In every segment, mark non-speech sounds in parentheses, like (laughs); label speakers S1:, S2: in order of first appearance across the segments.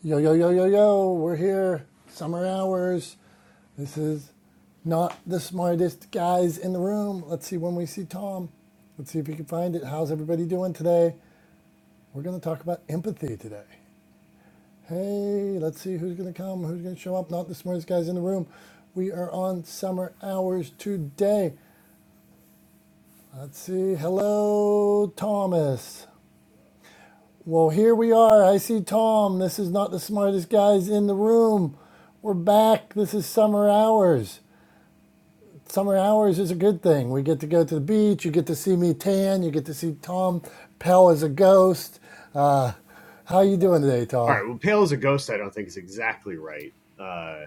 S1: Yo, yo, yo, yo, yo, we're here. Summer hours. This is not the smartest guys in the room. Let's see when we see Tom. Let's see if we can find it. How's everybody doing today? We're going to talk about empathy today. Hey, let's see who's going to come, who's going to show up. Not the smartest guys in the room. We are on summer hours today. Let's see. Hello, Thomas. Well, here we are. I see Tom. This is not the smartest guys in the room. We're back. This is summer hours. Summer hours is a good thing. We get to go to the beach. You get to see me tan. You get to see Tom pale as a ghost. Uh, how
S2: All
S1: you doing today, Tom?
S2: right. Well, pale as a ghost, I don't think is exactly right. Uh,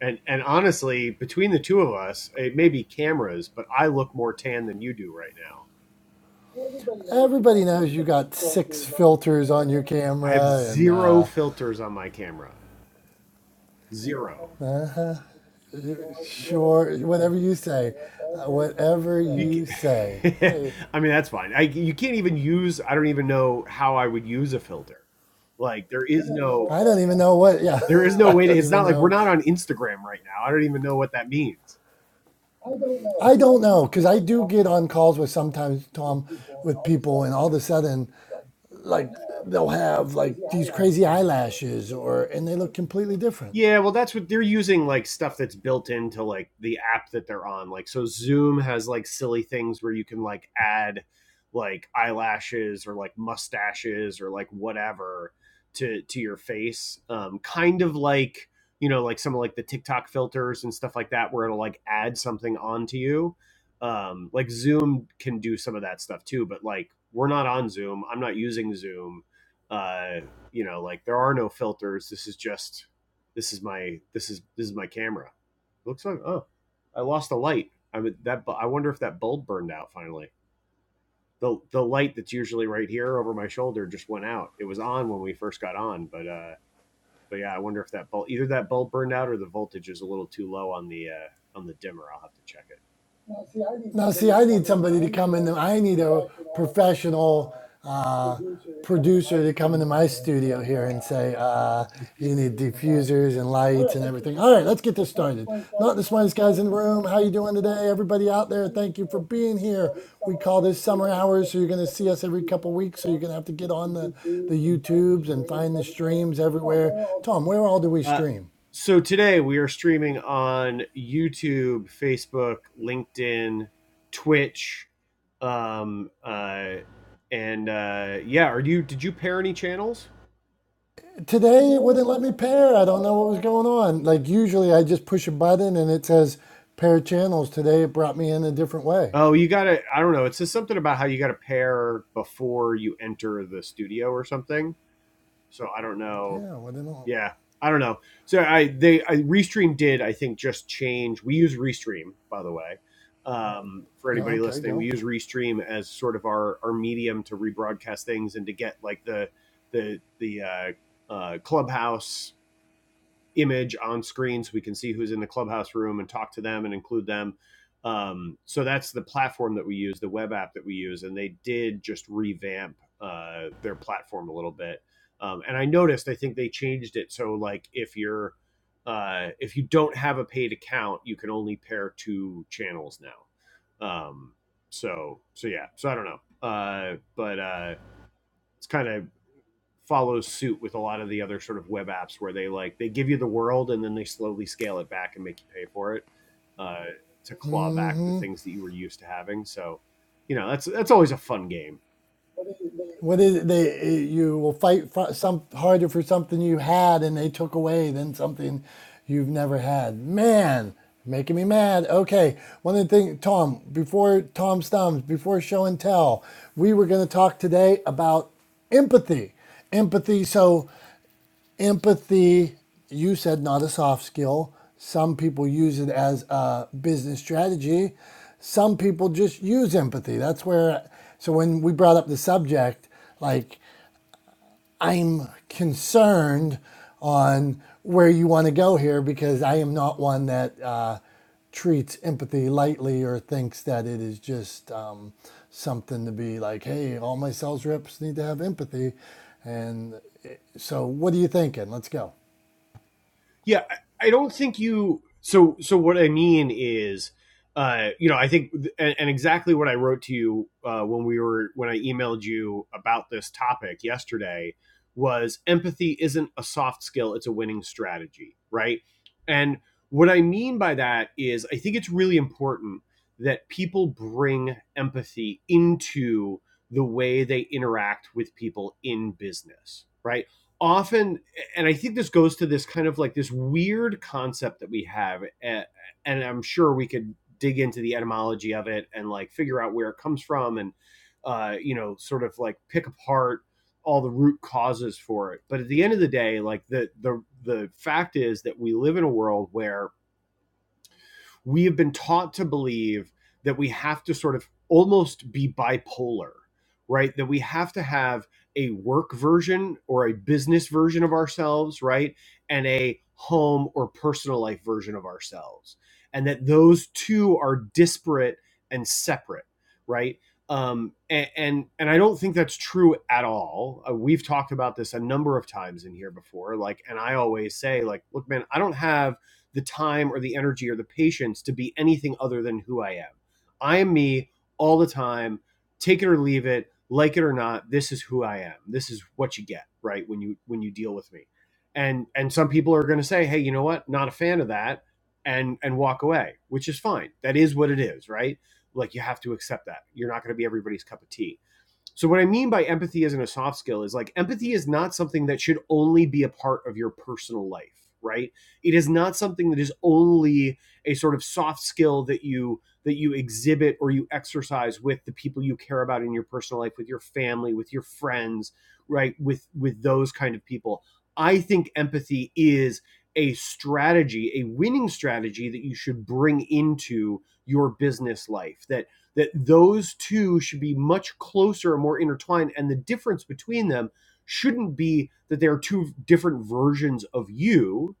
S2: and and honestly, between the two of us, it may be cameras, but I look more tan than you do right now.
S1: Everybody knows you got six filters on your
S2: I have
S1: camera, and
S2: zero
S1: uh,
S2: filters on my camera. Zero.
S1: sure, whatever you say, uh, whatever
S2: say.
S1: you say.
S2: You say.
S1: Hey,
S2: (laughs) I mean, that's fine. I you can't even use. I don't even know how I would use a filter. Like there is no.
S1: I
S2: what,
S1: don't even know what. Yeah,
S2: There is
S1: (laughs)
S2: no
S1: I
S2: way to.
S1: don't
S2: It's
S1: even
S2: not like we're
S1: know
S2: not on Instagram right now. I don't even know what that means.
S1: I don't know because I do get on calls with sometimes Tom with people, and all of a sudden, like they'll have like these crazy eyelashes, or and they look completely different.
S2: Yeah, well, that's what they're using like stuff that's built into like the app that they're on. Like, so Zoom has like silly things where you can like add like eyelashes or like mustaches or like whatever to to your face. Um, kind of like you know like some of like the TikTok filters and stuff like that, where it'll like add something onto you. Um, like Zoom can do some of that stuff too, but like we're not on Zoom. I'm not using Zoom. Uh, you know, like there are no filters. This is just this is my this is this is my camera. It looks like oh, I lost the light. I mean that I wonder if that bulb burned out finally. The the light that's usually right here over my shoulder just went out. It was on when we first got on, but uh but yeah, I wonder if that bulb either that bulb burned out or the voltage is a little too low on the uh on the dimmer. I'll have to check it.
S1: Now, see, I need somebody to come in. I need a professional uh, producer to come into my studio here and say, uh, "You need diffusers and lights and everything." All right, let's get this started. Not the smartest guys in the room. How you doing today, everybody out there? Thank you for being here. We call this summer hours, so you're going to see us every couple weeks. So you're going to have to get on the the YouTubes and find the streams everywhere. Tom, where all do we
S2: Uh,
S1: stream?
S2: so today we are streaming on YouTube, Facebook, LinkedIn, Twitch, um, uh, and uh, yeah. Are you? Did you pair any channels?
S1: today it wouldn't let me pair. I don't know what was going on. Like usually I just push a button and it says pair channels. Today it brought me in a different way.
S2: Oh, you gotta. I don't know. It says something about how you gotta pair before you enter the studio or something. So I don't know.
S1: Yeah, what then i
S2: yeah, I don't know. So I they I, Restream did I think just change. We use Restream by the way. Um, for
S1: yeah,
S2: anybody
S1: okay,
S2: listening, we
S1: go.
S2: use Restream as sort of our our medium to rebroadcast things and to get like the the the uh, uh, clubhouse image on screen so we can see who's in the clubhouse room and talk to them and include them. Um, so that's the platform that we use, the web app that we use, and they did just revamp uh, their platform a little bit. Um, and I noticed, I think they changed it so like if you're uh, if you don't have a paid account, you can only pair two channels now. Um, so so yeah, so I don't know, uh, but uh, it's kind of follows suit with a lot of the other sort of web apps where they like they give you the world and then they slowly scale it back and make you pay for it uh, to claw back the things that you were used to having. So, you know, that's that's always a fun game.
S1: What is it? They eh, you will fight for some harder for something you had and they took away than something you've never had. Man, making me mad. Okay, one of the things, Tom, before Tom Stums, before show and tell, we were going to talk today about empathy empathy. So Empathy, you said not a soft skill. Some people use it as a business strategy. Some people just use empathy. That's where, so when we brought up the subject, like, I'm concerned on where you want to go here because I am not one that uh, treats empathy lightly or thinks that it is just um, something to be like, hey, all my sales reps need to have empathy. And eh, so, what are you thinking? Let's go.
S2: Yeah, I- don't think you. So, so what I mean is, uh, you know, I think, and, and exactly what I wrote to you uh, when we were when I emailed you about this topic yesterday was empathy isn't a soft skill; it's a winning strategy, right? And what I mean by that is, I think it's really important that people bring empathy into the way they interact with people in business, right? Often and I think this goes to this kind of like this weird concept that we have, and, and I'm sure we could dig into the etymology of it and like figure out where it comes from, and uh, you know, sort of like pick apart all the root causes for it. But at the end of the day, like the the the fact is that we live in a world where we have been taught to believe that we have to sort of almost be bipolar, right? That we have to have a work version or a business version of ourselves, right? And a home or personal life version of ourselves. And that those two are disparate and separate, right? Um, and, and and I don't think that's true at all. Uh, we've talked about this a number of times in here before. Like, and I always say, like, look, man, I don't have the time or the energy or the patience to be anything other than who I am. I am me all the time. Take it or leave it, like it or not. This is who I am. This is what you get, right? When you when you deal with me, and and some people are going to say, hey, you know what? Not a fan of that, and and walk away, which is fine. That is what it is, right? Like you have to accept that. You're not going to be everybody's cup of tea so what I mean by empathy isn't a soft skill is like empathy is not something that should only be a part of your personal life, right? It is not something that is only a sort of soft skill that you that you exhibit or you exercise with the people you care about in your personal life, with your family, with your friends, right? With with those kind of people. I think empathy is a strategy, a winning strategy that you should bring into your business life that that those two should be much closer and more intertwined and the difference between them shouldn't be that they are two different versions of you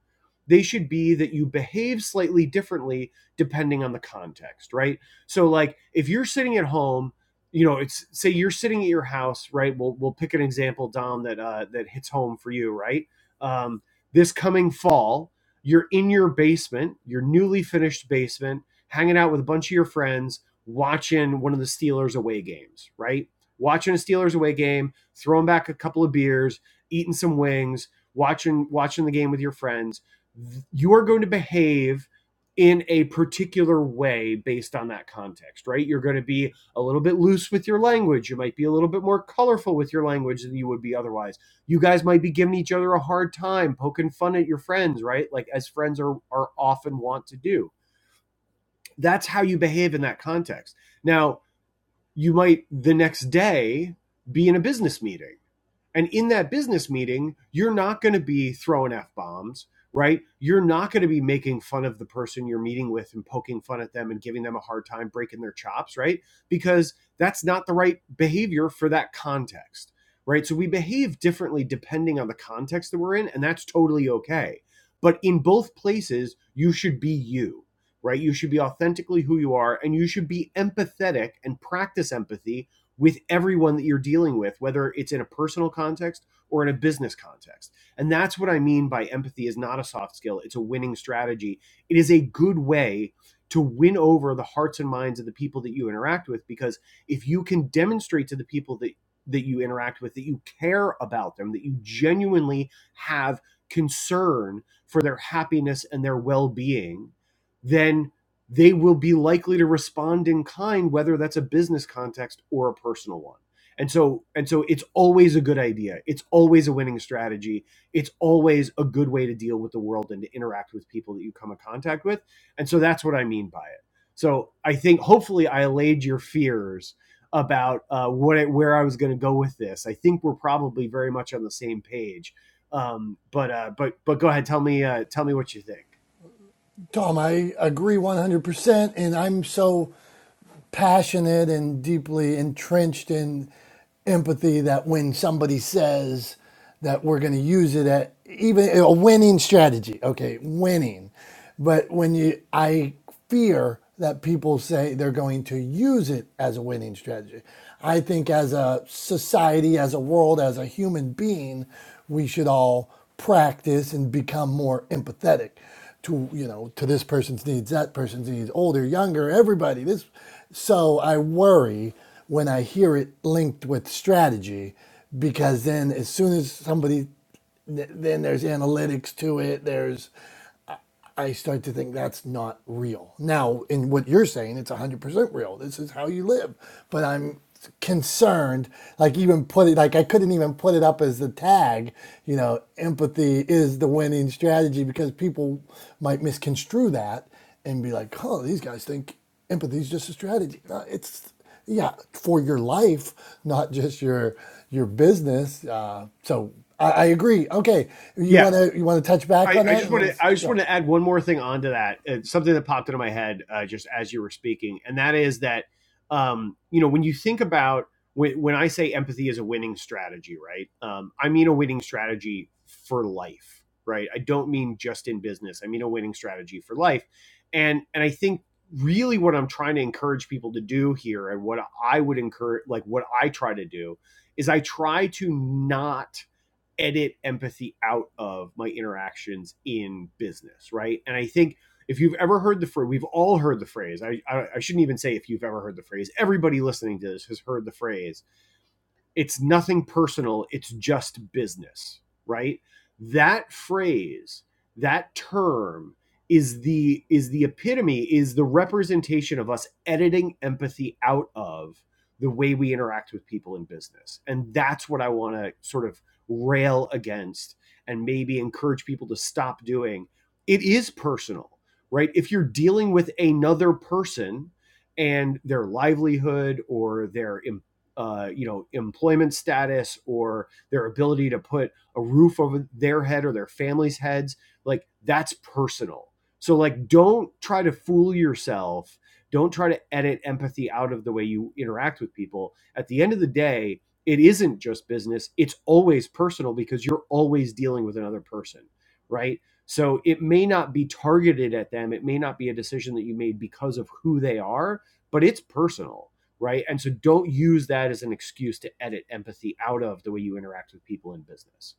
S2: they should be that you behave slightly differently depending on the context right so like if you're sitting at home you know it's say you're sitting at your house right we'll, we'll pick an example dom that uh, that hits home for you right um, this coming fall you're in your basement your newly finished basement hanging out with a bunch of your friends watching one of the Steelers away games, right? Watching a Steelers away game, throwing back a couple of beers, eating some wings, watching watching the game with your friends. You're going to behave in a particular way based on that context, right? You're going to be a little bit loose with your language. You might be a little bit more colorful with your language than you would be otherwise. You guys might be giving each other a hard time, poking fun at your friends, right? Like as friends are are often want to do. That's how you behave in that context. Now, you might the next day be in a business meeting and in that business meeting, you're not going to be throwing F bombs, right? You're not going to be making fun of the person you're meeting with and poking fun at them and giving them a hard time, breaking their chops, right? Because that's not the right behavior for that context, right? So we behave differently depending on the context that we're in, and that's totally okay. But in both places, you should be you. Right? You should be authentically who you are and you should be empathetic and practice empathy with everyone that you're dealing with, whether it's in a personal context or in a business context. And that's what I mean by empathy is not a soft skill, it's a winning strategy. It is a good way to win over the hearts and minds of the people that you interact with because if you can demonstrate to the people that that you interact with that you care about them, that you genuinely have concern for their happiness and their well-being, then they will be likely to respond in kind, whether that's a business context or a personal one. And so, and so it's always a good idea. It's always a winning strategy. It's always a good way to deal with the world and to interact with people that you come in contact with. And so that's what I mean by it. So I think hopefully I allayed your fears about uh, what I, where I was going to go with this. I think we're probably very much on the same page. Um, but uh, but but go ahead, tell me uh, tell me what you think.
S1: Tom, I agree 100%. And I'm so passionate and deeply entrenched in empathy that when somebody says that we're going to use it at even a winning strategy, okay, winning. But when you, I fear that people say they're going to use it as a winning strategy. I think as a society, as a world, as a human being, we should all practice and become more empathetic to you know to this person's needs, that person's needs, older, younger, everybody. This, so I worry when I hear it linked with strategy, because then as soon as somebody then there's analytics to it. There's I start to think that's not real. Now, in what you're saying, it's 100% real. This is how you live. But I'm concerned, like, even put it, like, I couldn't even put it up as the tag, you know, empathy is the winning strategy because people might misconstrue that and be like, oh, these guys think empathy is just a strategy. No, it's, yeah, for your life, not just your your business. Uh, so I, I agree. Okay, you
S2: Yeah.
S1: want to you want to touch back
S2: I,
S1: on
S2: I
S1: that?
S2: just
S1: And
S2: want
S1: let's,
S2: to I just
S1: yeah.
S2: want to add one more thing onto that. It's something that popped into my head uh, just as you were speaking, and that is that um, you know when you think about when, when I say empathy is a winning strategy, right? Um, I mean a winning strategy for life, right? I don't mean just in business. I mean a winning strategy for life, and and I think really what I'm trying to encourage people to do here, and what I would encourage, like what I try to do, is I try to not edit empathy out of my interactions in business, right? And I think if you've ever heard the phrase, we've all heard the phrase. I, I I shouldn't even say if you've ever heard the phrase. Everybody listening to this has heard the phrase it's nothing personal, it's just business, right? That phrase, that term is the is the epitome is the representation of us editing empathy out of the way we interact with people in business. And that's what I want to sort of rail against and maybe encourage people to stop doing. It is personal, right? If you're dealing with another person and their livelihood or their uh, you know employment status or their ability to put a roof over their head or their family's heads like that's personal so like don't try to fool yourself don't try to edit empathy out of the way you interact with people at the end of the day it isn't just business it's always personal because you're always dealing with another person right so it may not be targeted at them it may not be a decision that you made because of who they are but it's personal right? And so don't use that as an excuse to edit empathy out of the way you interact with people in business.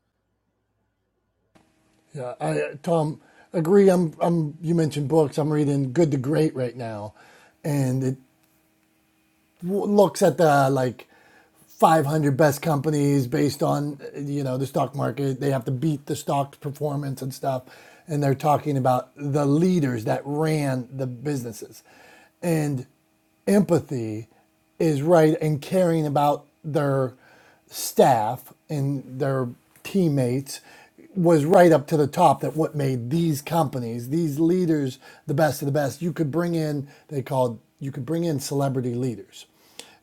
S1: Yeah, I, uh, Tom, agree. I'm, I'm. You mentioned books. I'm reading Good to Great right now, and it w- looks at the like 500 best companies based on uh, you know the stock market. They have to beat the stock performance and stuff, and they're talking about the leaders that ran the businesses, and empathy is right and caring about their staff and their teammates was right up to the top that what made these companies these leaders the best of the best you could bring in they called you could bring in celebrity leaders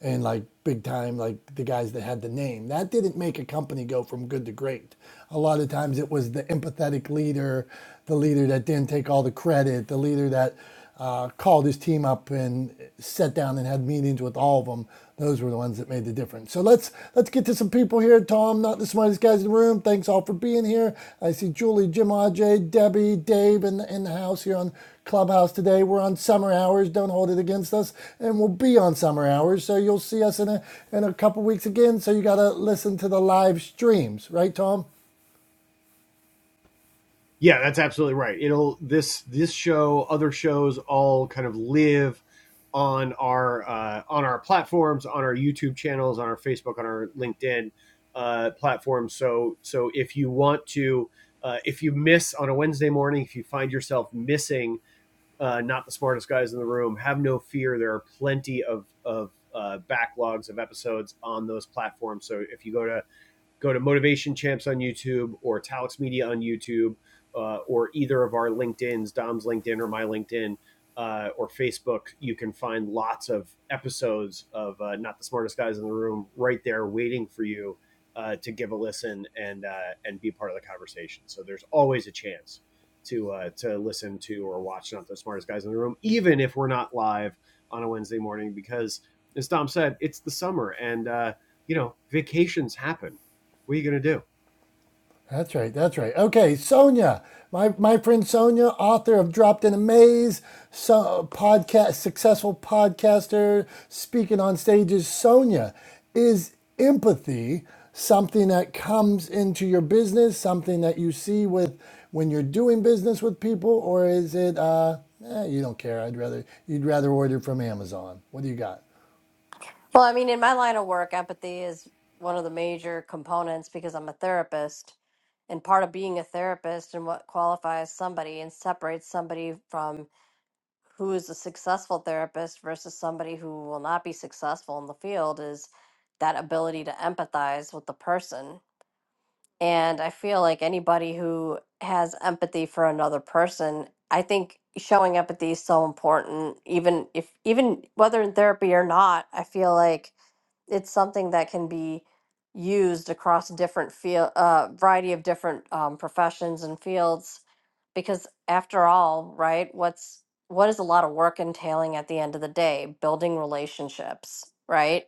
S1: and like big time, like the guys that had the name. That didn't make a company go from good to great. A lot of times it was the empathetic leader, the leader that didn't take all the credit, the leader that uh, called his team up and sat down and had meetings with all of them. Those were the ones that made the difference. So let's let's get to some people here. Tom, not the smartest guys in the room. Thanks all for being here. I see Julie, Jim, Aj, Debbie, Dave in the, in the house here on Clubhouse today. We're on summer hours. Don't hold it against us. And we'll be on summer hours. So you'll see us in a, in a couple weeks again. So you got to listen to the live streams, right, Tom?
S2: Yeah, that's absolutely right. It'll this this show, other shows, all kind of live on our uh, on our platforms, on our YouTube channels, on our Facebook, on our LinkedIn uh, platforms. So so if you want to, uh, if you miss on a Wednesday morning, if you find yourself missing uh, not the smartest guys in the room. Have no fear. There are plenty of of uh, backlogs of episodes on those platforms. So if you go to go to Motivation Champs on YouTube or Talix Media on YouTube uh, or either of our LinkedIn's, Dom's LinkedIn or my LinkedIn uh, or Facebook, you can find lots of episodes of uh, Not the Smartest Guys in the Room right there waiting for you uh, to give a listen and uh, and be part of the conversation. So there's always a chance to uh, to listen to or watch Not the Smartest Guys in the Room, even if we're not live on a Wednesday morning, because as Dom said, it's the summer and uh, you know vacations happen what are you gonna do?
S1: That's right. That's right. Okay, Sonia, my my friend Sonia, author of Dropped in a Maze, so, podcast successful podcaster, speaking on stages. Sonia, is empathy something that comes into your business, something that you see with when you're doing business with people, or is it uh, eh, you don't care? I'd rather you'd rather order from Amazon. What do you got?
S3: Well, I mean, in my line of work, empathy is one of the major components because I'm a therapist. And part of being a therapist and what qualifies somebody and separates somebody from who is a successful therapist versus somebody who will not be successful in the field is that ability to empathize with the person. And I feel like anybody who has empathy for another person, I think showing empathy is so important, even if, even whether in therapy or not, I feel like it's something that can be used across different field, uh, variety of different um, professions and fields. Because after all, right, what's what is a lot of work entailing at the end of the day? Building relationships, right?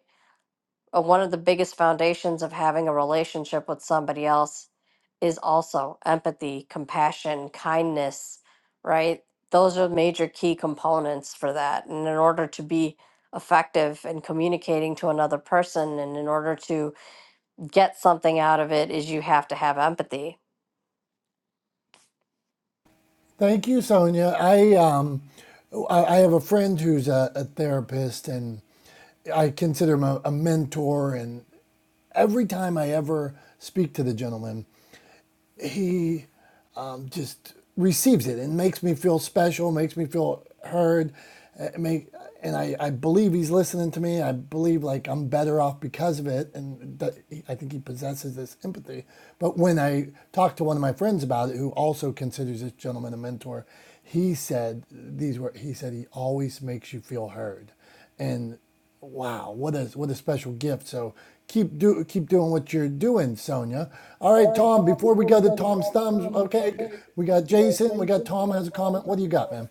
S3: uh, one of the biggest foundations of having a relationship with somebody else is also empathy, compassion, kindness, right? Those are major key components for that. And in order to be effective in communicating to another person and in order to get something out of it is you have to have empathy
S1: Thank you, Sonia. I um, I, I have a friend who's a, a therapist and I consider him a, a mentor, and every time I ever speak to the gentleman, he um, just receives it and makes me feel special, makes me feel heard. uh, Make, and I, I believe he's listening to me. I believe like I'm better off because of it, and that he- I think he possesses this empathy. But when I talked to one of my friends about it, who also considers this gentleman a mentor, he said these were. He said he always makes you feel heard and wow, what a what a special gift. So keep do keep doing what you're doing, Sonia. All right, Tom. Before we go to Tom's thumbs, okay, we got Jason, we got Tom has a comment. What do you got, man?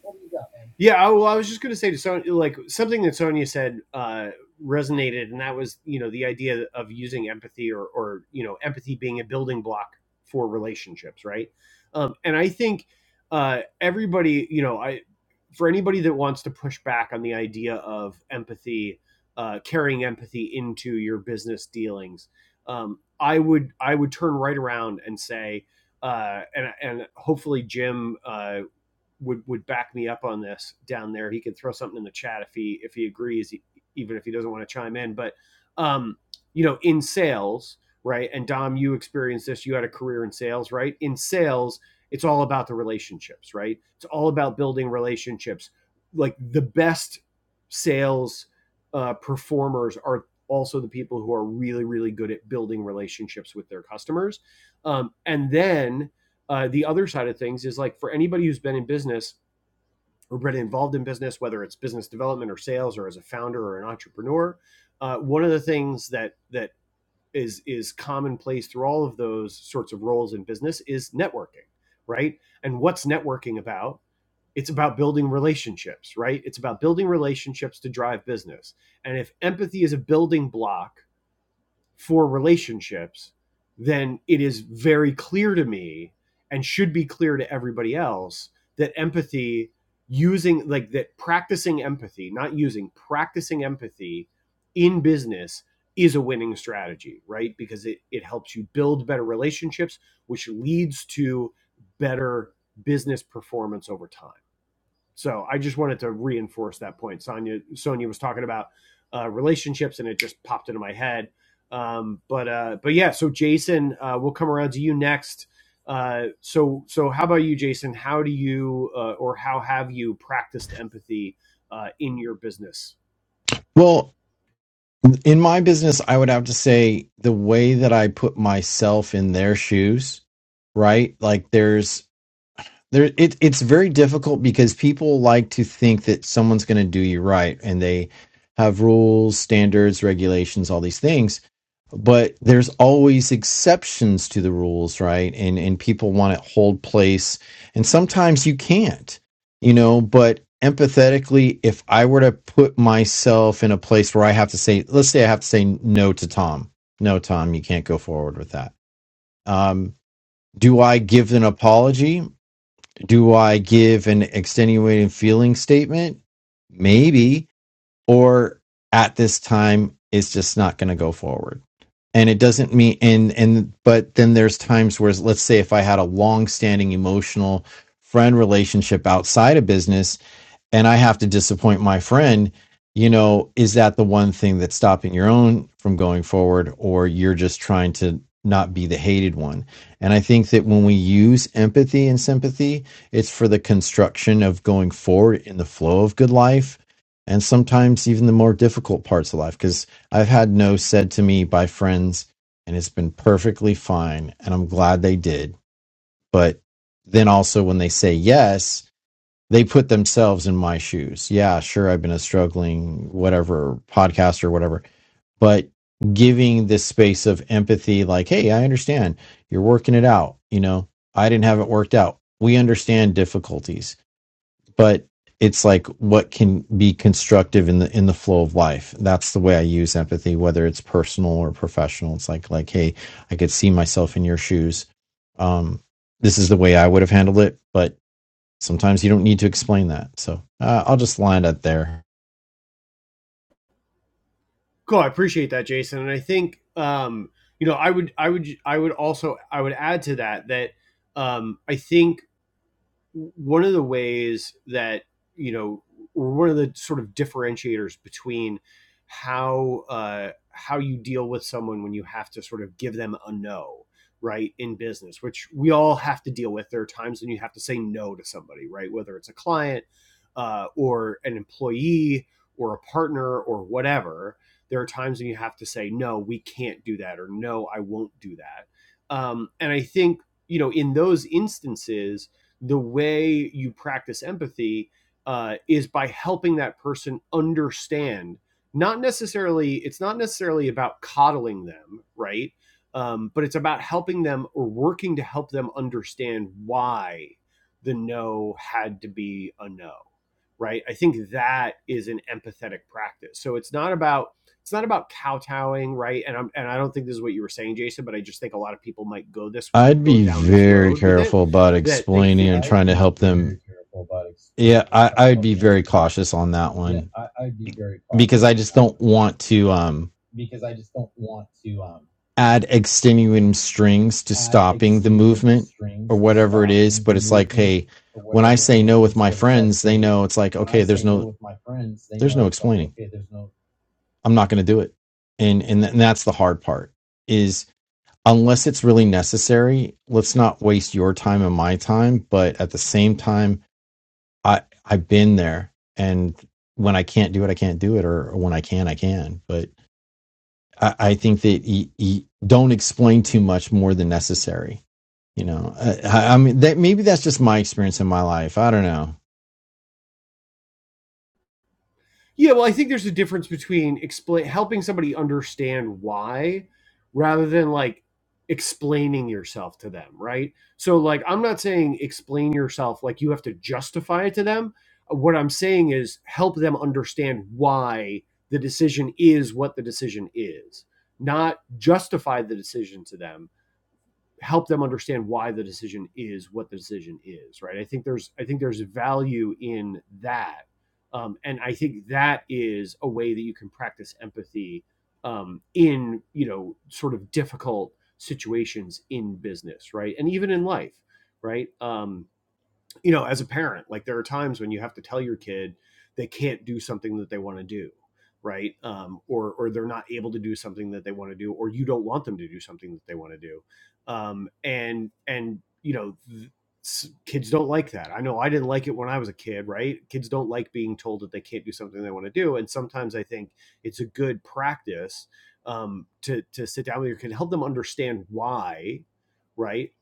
S2: Yeah, well, I was just gonna say to Sonya, like something that Sonya said uh, resonated, and that was you know the idea of using empathy or or you know empathy being a building block for relationships, right? Um, and I think uh, everybody, you know, I for anybody that wants to push back on the idea of empathy, uh, carrying empathy into your business dealings, um, I would I would turn right around and say, uh, and and hopefully Jim uh, would would back me up on this down there. He can throw something in the chat if he if he agrees, e, even if he doesn't want to chime in. But um, you know, in sales, right? And Dom, you experienced this. You had a career in sales, right? In sales, it's all about the relationships, right? It's all about building relationships. Like the best sales uh, performers are also the people who are really, really good at building relationships with their customers. Um, and then uh, the other side of things is like for anybody who's been in business or been involved in business, whether it's business development or sales or as a founder or an entrepreneur, uh, one of the things that that is is commonplace through all of those sorts of roles in business is networking, right? And what's networking about? It's about building relationships, right? It's about building relationships to drive business. And if empathy is a building block for relationships, then it is very clear to me and should be clear to everybody else that empathy using like that practicing empathy, not using practicing empathy in business is a winning strategy, right? Because it, it helps you build better relationships, which leads to better business performance over time. So I just wanted to reinforce that point. Sonia Sonia was talking about uh, relationships, and it just popped into my head. Um, but uh, but yeah, so Jason, uh, we'll come around to you next. Uh, so so how about you, Jason? How do you uh, or how have you practiced empathy uh, in your business?
S4: Well, in my business, I would have to say the way that I put myself in their shoes, right? Like there's there it it's very difficult because people like to think that someone's going to do you right and they have rules, standards, regulations, all these things but there's always exceptions to the rules right and and people want to hold place and sometimes you can't you know but empathetically if i were to put myself in a place where i have to say let's say i have to say no to tom no tom you can't go forward with that um do i give an apology do i give an extenuating feeling statement maybe or at this time it's just not going to go forward and it doesn't mean and and but then there's times where let's say if i had a long standing emotional friend relationship outside of business and I have to disappoint my friend, you know, is that the one thing that's stopping your own from going forward, or you're just trying to not be the hated one? And I think that when we use empathy and sympathy, it's for the construction of going forward in the flow of good life. And sometimes even the more difficult parts of life, because I've had no said to me by friends, and it's been perfectly fine. And I'm glad they did. But then also when they say yes, they put themselves in my shoes. Yeah, sure, I've been a struggling whatever podcaster or whatever, but giving this space of empathy, like, hey, I understand you're working it out. You know, I didn't have it worked out. We understand difficulties, but it's like what can be constructive in the in the flow of life. That's the way I use empathy, whether it's personal or professional. It's like like, hey, I could see myself in your shoes. Um, this is the way I would have handled it, but Sometimes you don't need to explain that. So uh, I'll just line it there.
S2: Cool, I appreciate that, Jason. And I think um, you know I would I would I would also I would add to that that um, I think one of the ways that you know one of the sort of differentiators between how uh, how you deal with someone when you have to sort of give them a no right in business which we all have to deal with there are times when you have to say no to somebody right whether it's a client uh, or an employee or a partner or whatever there are times when you have to say no we can't do that or no i won't do that um, and i think you know in those instances the way you practice empathy uh, is by helping that person understand not necessarily it's not necessarily about coddling them right um, but it's about helping them or working to help them understand why the no had to be a no right i think that is an empathetic practice so it's not about it's not about kowtowing right and i'm and i don't think this is what you were saying jason but i just think a lot of people might go this
S4: I'd
S2: go
S4: be
S2: down this
S4: very
S2: road with it
S4: careful about
S2: that they
S4: explaining
S2: think I'd
S4: and
S2: it's a
S4: trying to help them. Yeah, I, I'd be very cautious on that one because I just don't want to um, add extenuating strings to stopping the movement or whatever it is. But it's like, hey, when I say no with my friends, they know it's like, okay, there's no, there's no explaining. I'm not going to do it, and and, th- and that's the hard part is unless it's really necessary let's not waste your time and my time but at the same time i i've been there and when i can't do it i can't do it or, or when i can i can but i, I think that you y don't explain too much more than necessary you know Uh, I I mean that maybe that's just my experience in my life i don't know
S2: Yeah, well, I think there's a difference between explain helping somebody understand why rather than like explaining yourself to them, right? So like I'm not saying explain yourself like you have to justify it to them. What I'm saying is help them understand why the decision is what the decision is, not justify the decision to them help them understand why the decision is what the decision is right i think there's i think there's value in that um, and i think that is a way that you can practice empathy um, in you know sort of difficult situations in business right and even in life right um, you know, as a parent, like there are times when you have to tell your kid they can't do something that they want to do, right? Um, or or they're not able to do something that they want to do, or you don't want them to do something that they want to do, um, and and you know. th- Kids don't like that. I know I didn't like it when I was a kid, right? Kids don't like being told that they can't do something they want to do, and sometimes I think it's a good practice um, to to sit down with your kid, help them understand why, right?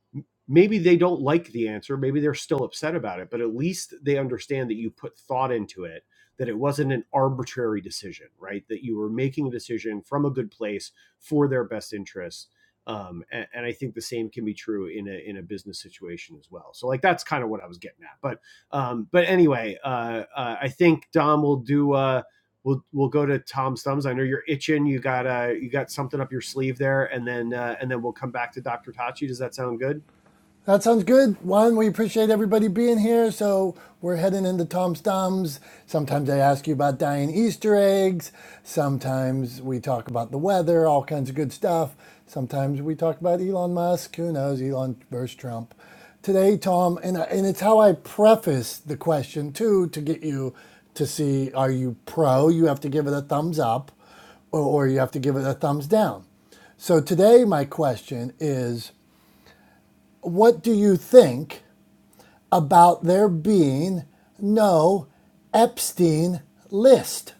S2: maybe they don't like the answer maybe they're still upset about it but at least they understand that you put thought into it that it wasn't an arbitrary decision right that you were making a decision from a good place for their best interest um, and, and i think the same can be true in a in a business situation as well so like that's kind of what i was getting at but um, but anyway uh, uh, i think dom will do uh, We'll, we'll go to Tom's thumbs. I know you're itching. You got uh, you got something up your sleeve there, and then uh, and then we'll come back to Dr. Tachi. Does that sound good?
S1: That sounds good. Juan, we appreciate everybody being here. So we're heading into Tom's Toms. Sometimes I ask you about dying Easter eggs. Sometimes we talk about the weather, all kinds of good stuff. Sometimes we talk about Elon Musk. Who knows? Elon versus Trump. Today, Tom, and, and it's how I preface the question too to get you to see are you pro? You have to give it a thumbs up or, or you have to give it a thumbs down. So today, my question is what do you think about there being no Epstein list?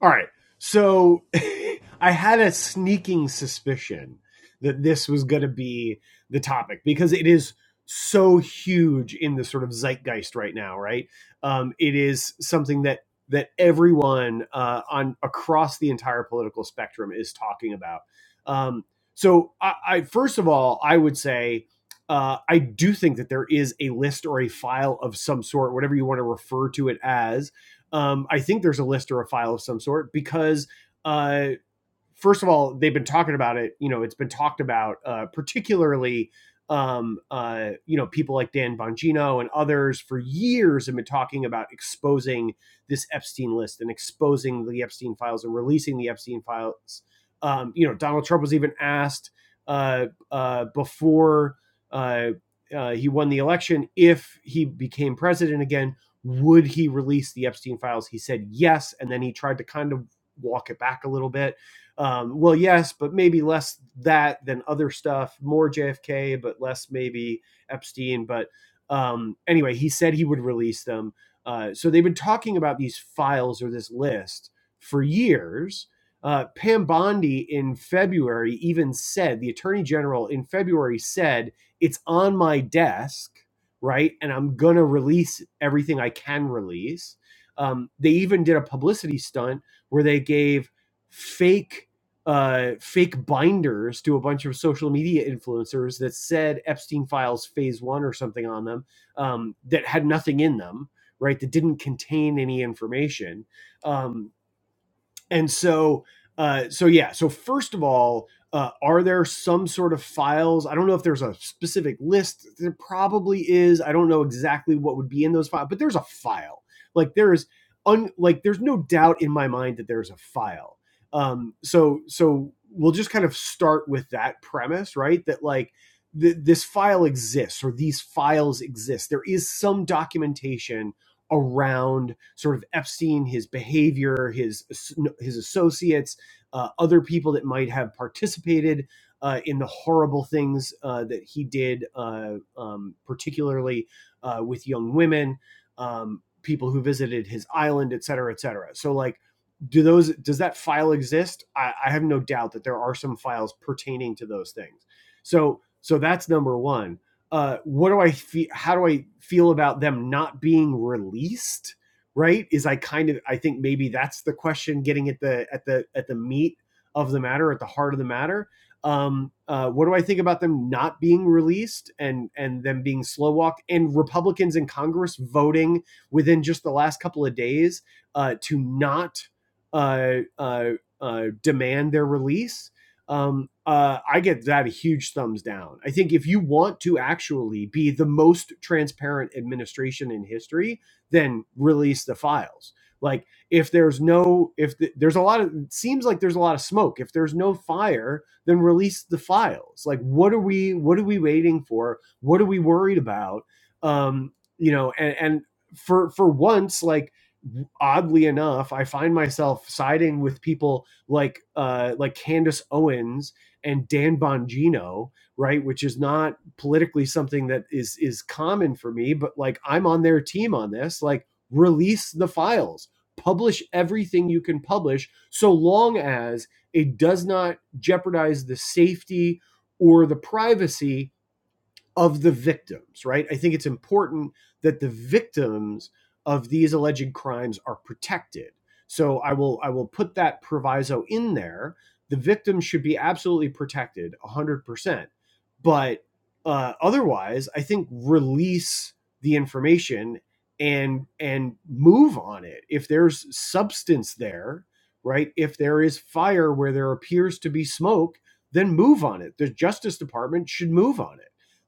S2: All right. So (laughs) I had a sneaking suspicion that this was going to be the topic because it is so huge in the sort of zeitgeist right now, right? Um, it is something that that everyone uh, on across the entire political spectrum is talking about. Um, so, I, I first of all, I would say uh, I do think that there is a list or a file of some sort, whatever you want to refer to it as, um, I think there's a list or a file of some sort because uh, first of all, they've been talking about it. You know, it's been talked about, uh, particularly, um, uh, you know, people like Dan Bongino and others for years have been talking about exposing this Epstein list and exposing the Epstein files and releasing the Epstein files. Um, you know, Donald Trump was even asked uh, uh, before uh, uh, he won the election if he became president again. Would he release the Epstein files? He said yes, and then he tried to kind of walk it back a little bit um, well, yes, but maybe less that than other stuff, more JFK, but less maybe Epstein. But um, anyway, he said he would release them. Uh, so they've been talking about these files or this list for years. Uh, Pam Bondi in February even said, the attorney general in February said, it's on my desk, right? And I'm going to release everything I can release. Um, they even did a publicity stunt where they gave fake uh, fake binders to a bunch of social media influencers that said Epstein Files Phase One or something on them um, that had nothing in them, right? That didn't contain any information. Um, and so, uh, so yeah. So first of all, uh, are there some sort of files? I don't know if there's a specific list. There probably is. I don't know exactly what would be in those files, but there's a file. Like there is, un, like there's no doubt in my mind that there's a file. Um, so so we'll just kind of start with that premise, right? That like th- this file exists or these files exist. There is some documentation around sort of Epstein, his behavior, his his associates, uh, other people that might have participated uh, in the horrible things uh, that he did, uh, um, particularly uh, with young women, um, people who visited his island, et cetera, et cetera. So like. Do those does that file exist? I, I have no doubt that there are some files pertaining to those things. So so that's number one uh, what do I feel? How do I feel about them not being released? Right? Is I kind of I think maybe that's the question getting at the at the at the meat of the matter, at the heart of the matter. Um, uh, what do I think about them not being released and and them being slow walked and Republicans in Congress voting within just the last couple of days uh, to not uh, uh, uh, demand their release? um, uh, I get that a huge thumbs down. I think if you want to actually be the most transparent administration in history, then release the files. Like if there's no if th- there's a lot of it seems like there's a lot of smoke. If there's no fire, then release the files. Like what are we what are we waiting for? What are we worried about? Um, you know, and and for for once, like oddly enough, I find myself siding with people like uh, like Candace Owens and Dan Bongino, right? Which is not politically something that is is common for me, but like I'm on their team on this. Like, release the files, publish everything you can publish, so long as it does not jeopardize the safety or the privacy of the victims, right? I think it's important that the victims of these alleged crimes are protected. So I will I will put that proviso in there. The victims should be absolutely protected, 100%. But uh, otherwise, I think release the information and and move on it. If there's substance there, right? If there is fire where there appears to be smoke, then move on it. The Justice Department should move on it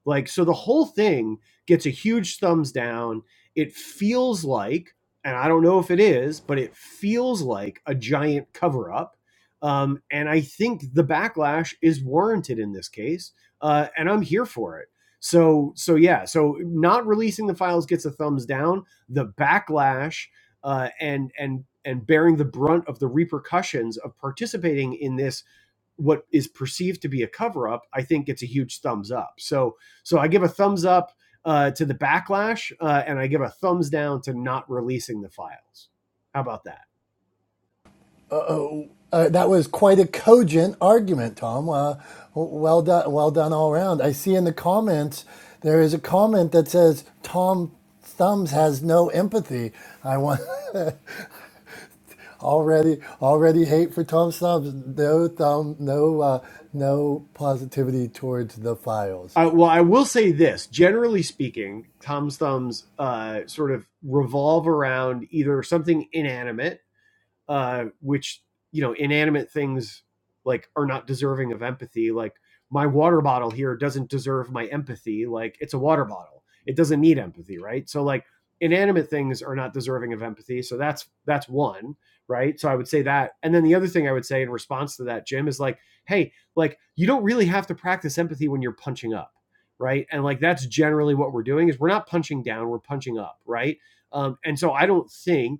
S2: like, so the whole thing gets a huge thumbs down. It feels like, and I don't know if it is, but it feels like a giant cover up. Um, and I think the backlash is warranted in this case, uh, and I'm here for it. So, so yeah, so not releasing the files gets a thumbs down. The backlash uh, and and and bearing the brunt of the repercussions of participating in this what is perceived to be a cover up, I think it's a huge thumbs up. So so I give a thumbs up uh, to the backlash, uh, and I give a thumbs down to not releasing the files. How about that?
S1: Uh-oh. Uh, that was quite a cogent argument, Tom. Uh, well done, well done all around. I see in the comments there is a comment that says Tom Thumbs has no empathy. I want (laughs) already already hate for Tom Thumbs. No thumb, no uh, no positivity towards the files.
S2: Uh, well, I will say this. Generally speaking, Tom's thumbs uh, sort of revolve around either something inanimate uh, which you know inanimate things like are not deserving of empathy. Like my water bottle here doesn't deserve my empathy. Like it's a water bottle; it doesn't need empathy, right? So like inanimate things are not deserving of empathy. So that's that's one, right? So I would say that, and then the other thing I would say in response to that, Jim, is like, hey, like you don't really have to practice empathy when you're punching up right and like that's generally what we're doing is we're not punching down we're punching up right um, and so i don't think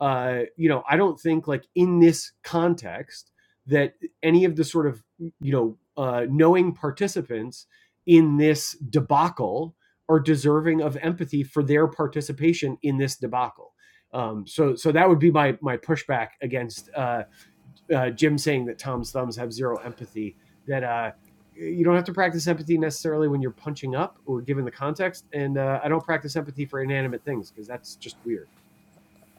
S2: uh, you know, I don't think like in this context that any of the sort of you know uh, knowing participants in this debacle are deserving of empathy for their participation in this debacle. Um, so so that would be my my pushback against uh, uh, Jim saying that Tom's thumbs have zero empathy. That uh, you don't have to practice empathy necessarily when you're punching up or given the context. And uh, I don't practice empathy for inanimate things because that's just weird.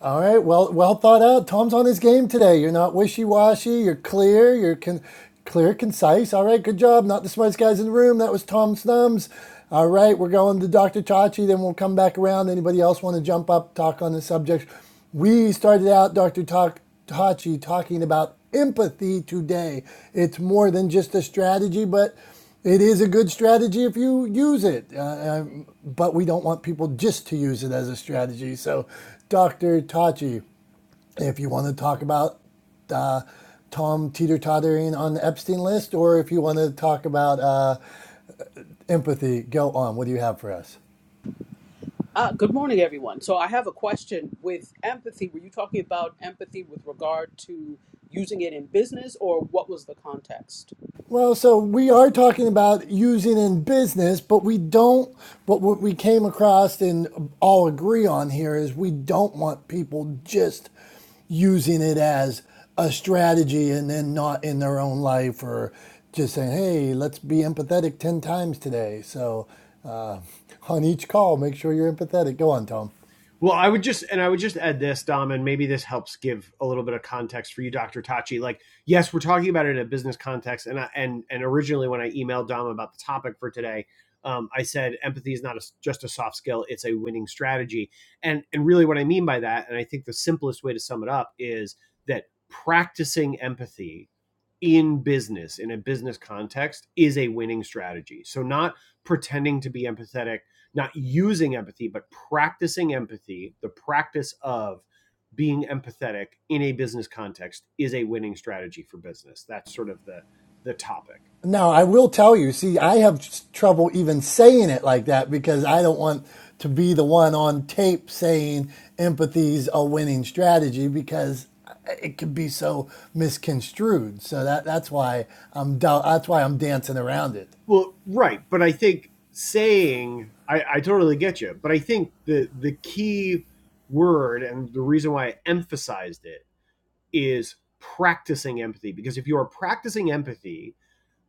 S1: All right, well, well thought out. Tom's on his game today. You're not wishy washy. You're clear. You're con- clear, concise. All right, good job. Not the smartest guys in the room. That was Tom Snums. All right, we're going to Dr. Chachi. Then we'll come back around. Anybody else want to jump up, talk on the subject? We started out, Dr. Ta- Tachi, talking about empathy today. It's more than just a strategy, but it is a good strategy if you use it. Uh, but we don't want people just to use it as a strategy. So, Dr. Tachi, if you want to talk about uh, Tom teeter tottering on the Epstein list, or if you want to talk about uh, empathy, go on. What do you have for us?
S5: Uh, good morning, everyone. So, I have a question with empathy. Were you talking about empathy with regard to using it in business, or what was the context?
S1: Well, so we are talking about using in business, but we don't. But what we came across and all agree on here is we don't want people just using it as a strategy and then not in their own life or just saying, hey, let's be empathetic 10 times today. So uh, (laughs) on each call, make sure you're empathetic. Go on, Tom.
S2: Well, I would just and I would just add this, Dom, and maybe this helps give a little bit of context for you, Dr. Tachi. Like, yes, we're talking about it in a business context, and I, and and originally when I emailed Dom about the topic for today, um, I said empathy is not a, just a soft skill; it's a winning strategy. And and really, what I mean by that, and I think the simplest way to sum it up is that practicing empathy in business in a business context is a winning strategy so not pretending to be empathetic not using empathy but practicing empathy the practice of being empathetic in a business context is a winning strategy for business that's sort of the the topic
S1: Now, I will tell you, see, I have trouble even saying it like that because I don't want to be the one on tape saying empathy's a winning strategy because uh, it can be so misconstrued. So that, that's why I'm that's why I'm dancing around it.
S2: well right but i think saying i, I totally get you but i think the the key word and the reason why i emphasized it is practicing empathy because if you are practicing empathy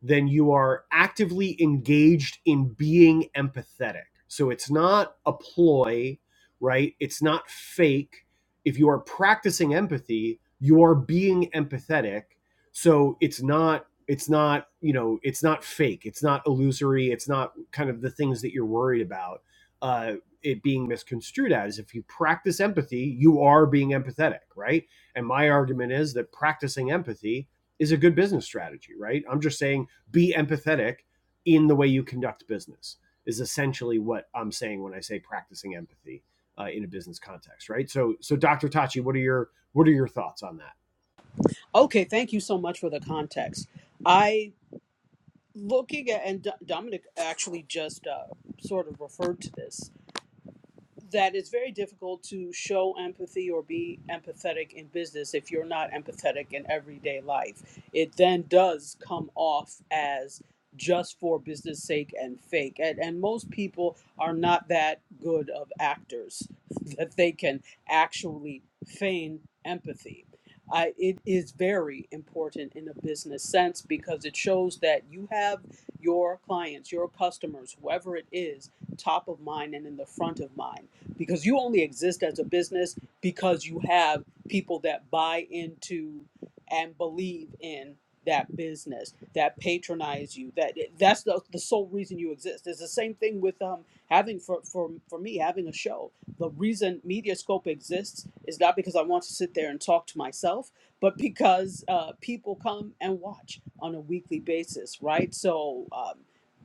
S2: then you are actively engaged in being empathetic. So it's not a ploy, right? It's not fake. If you are practicing empathy, you are being empathetic. So it's not it's not, you know, it's not fake. It's not illusory. It's not kind of the things that you're worried about uh it being misconstrued as if you practice empathy, you are being empathetic, right? And my argument is that practicing empathy is a good business strategy, right? I'm just saying be empathetic in the way you conduct business is essentially what I'm saying when I say practicing empathy uh, in a business context, right? So, so Dr. Tachi, what are your what are your thoughts on that?
S5: Okay, thank you so much for the context. I looking at, and Do- Dominic actually just uh, sort of referred to this. that it's very difficult to show empathy or be empathetic in business if you're not empathetic in everyday life. It then does come off as just for business sake and fake. And, and most people are not that good of actors (laughs) that they can actually feign empathy. I, it is very important in a business sense because it shows that you have your clients, your customers, whoever it is, top of mind and in the front of mind because you only exist as a business because you have people that buy into and believe in that business that patronize you that that's the, the sole reason you exist it's the same thing with um having for, for for me having a show the reason mediascope exists is not because i want to sit there and talk to myself but because uh, people come and watch on a weekly basis right so um,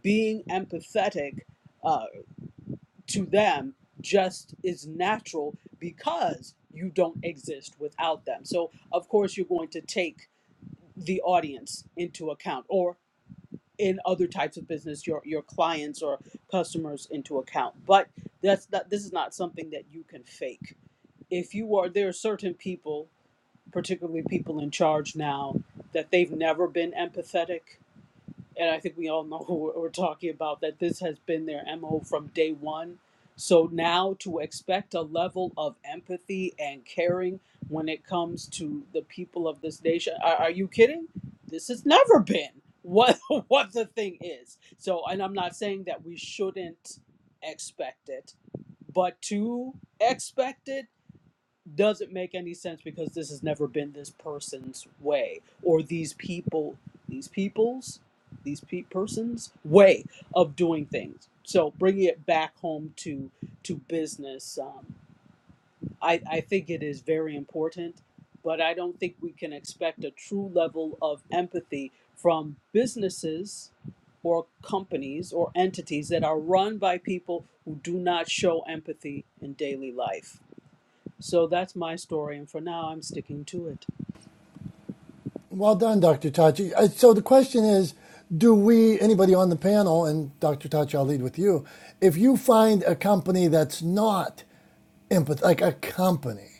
S5: being empathetic uh, to them just is natural because you don't exist without them. So, of course, you're going to take the audience into account or in other types of business your your clients or customers into account but that's not this is not something that you can fake if you are there are certain people particularly people in charge now that they've never been empathetic and I think we all know (laughs) who we're talking about, that this has been their MO from day one. So now to expect a level of empathy and caring when it comes to the people of this nation, are, are you kidding? This has never been what (laughs) what the thing is. So, and I'm not saying that we shouldn't expect it, but to expect it doesn't make any sense because this has never been this person's way or these people these people's these pe- persons way of doing things so bringing it back home to to business um, I, I think it is very important but i don't think we can expect a true level of empathy from businesses or companies or entities that are run by people who do not show empathy in daily life so that's my story, and for now, I'm sticking to it.
S1: Well done, Dr. Tachi. Uh, So the question is, do we anybody on the panel and Dr. Tachi, I'll lead with you. If you find a company that's not empath like a company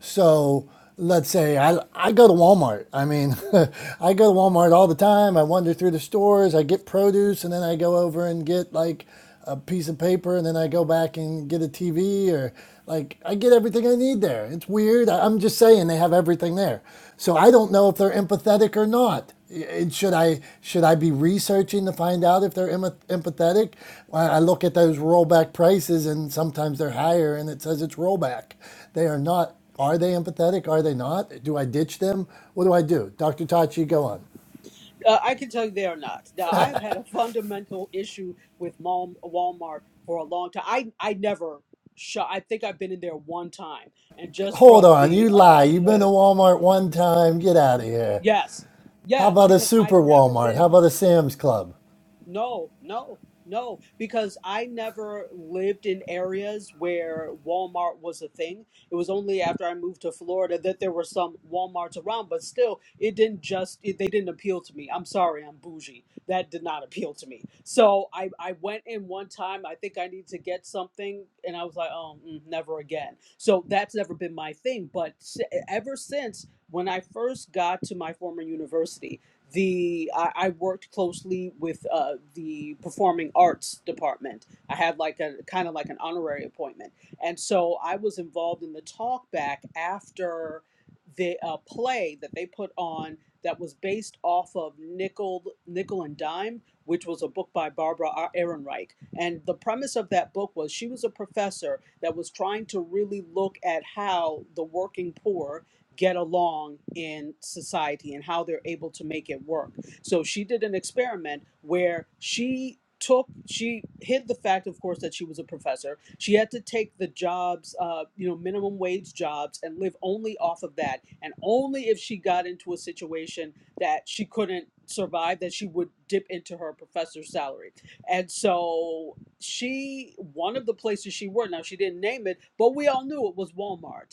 S1: So let's say I, I go to Walmart. I mean, (laughs) I go to Walmart all the time. I wander through the stores, I get produce, and then I go over and get like a piece of paper, and then I go back and get a TV or like I get everything I need there. It's weird. I- I'm just saying they have everything there. So I don't know if they're empathetic or not. It- should I should I be researching to find out if they're em- empathetic? I I look at those rollback prices, and sometimes they're higher, and it says it's rollback. They are not are they empathetic? Are they not? Do I ditch them? What do I do? Dr. Tachi, go on.
S5: Uh, I can tell you they are not. Now, I've had a fundamental issue with Mal- Walmart for a long time. I, I never shop. I think I've been in there one time, and just
S1: Hold
S5: from
S1: on,
S5: the
S1: you lie.
S5: uh,
S1: You've been
S5: (laughs)
S1: to Walmart one time. Get out of here.
S5: yes,
S1: How
S5: yes,
S1: about a
S5: because
S1: super
S5: I've never
S1: Walmart? How
S5: been.
S1: about a Sam's Club?
S5: No, no, no, because I never lived in areas where Walmart was a thing. It was only after I moved to Florida that there were some Walmarts around, but still, it didn't just, it, they didn't appeal to me. I'm sorry, I'm bougie. That did not appeal to me. So I, I went in one time, I think I need to get something, and I was like, oh, mm, never again. So that's never been my thing. But s- ever since when I first got to my former university, the I, I worked closely with uh, the performing arts department. I had like a kind of like an honorary appointment, and so I was involved in the talk back after the uh, play that they put on that was based off of Nickel Nickel and Dime, which was a book by Barbara Ar- Ehrenreich. And the premise of that book was she was a professor that was trying to really look at how the working poor get along in society and how they're able to make it work. So she did an experiment where she took she hid the fact of course that she was a professor she had to take the jobs uh you know minimum wage jobs and live only off of that and only if she got into a situation that she couldn't survive that she would dip into her professor's salary and so she one of the places she worked now she didn't name it but we all knew it was walmart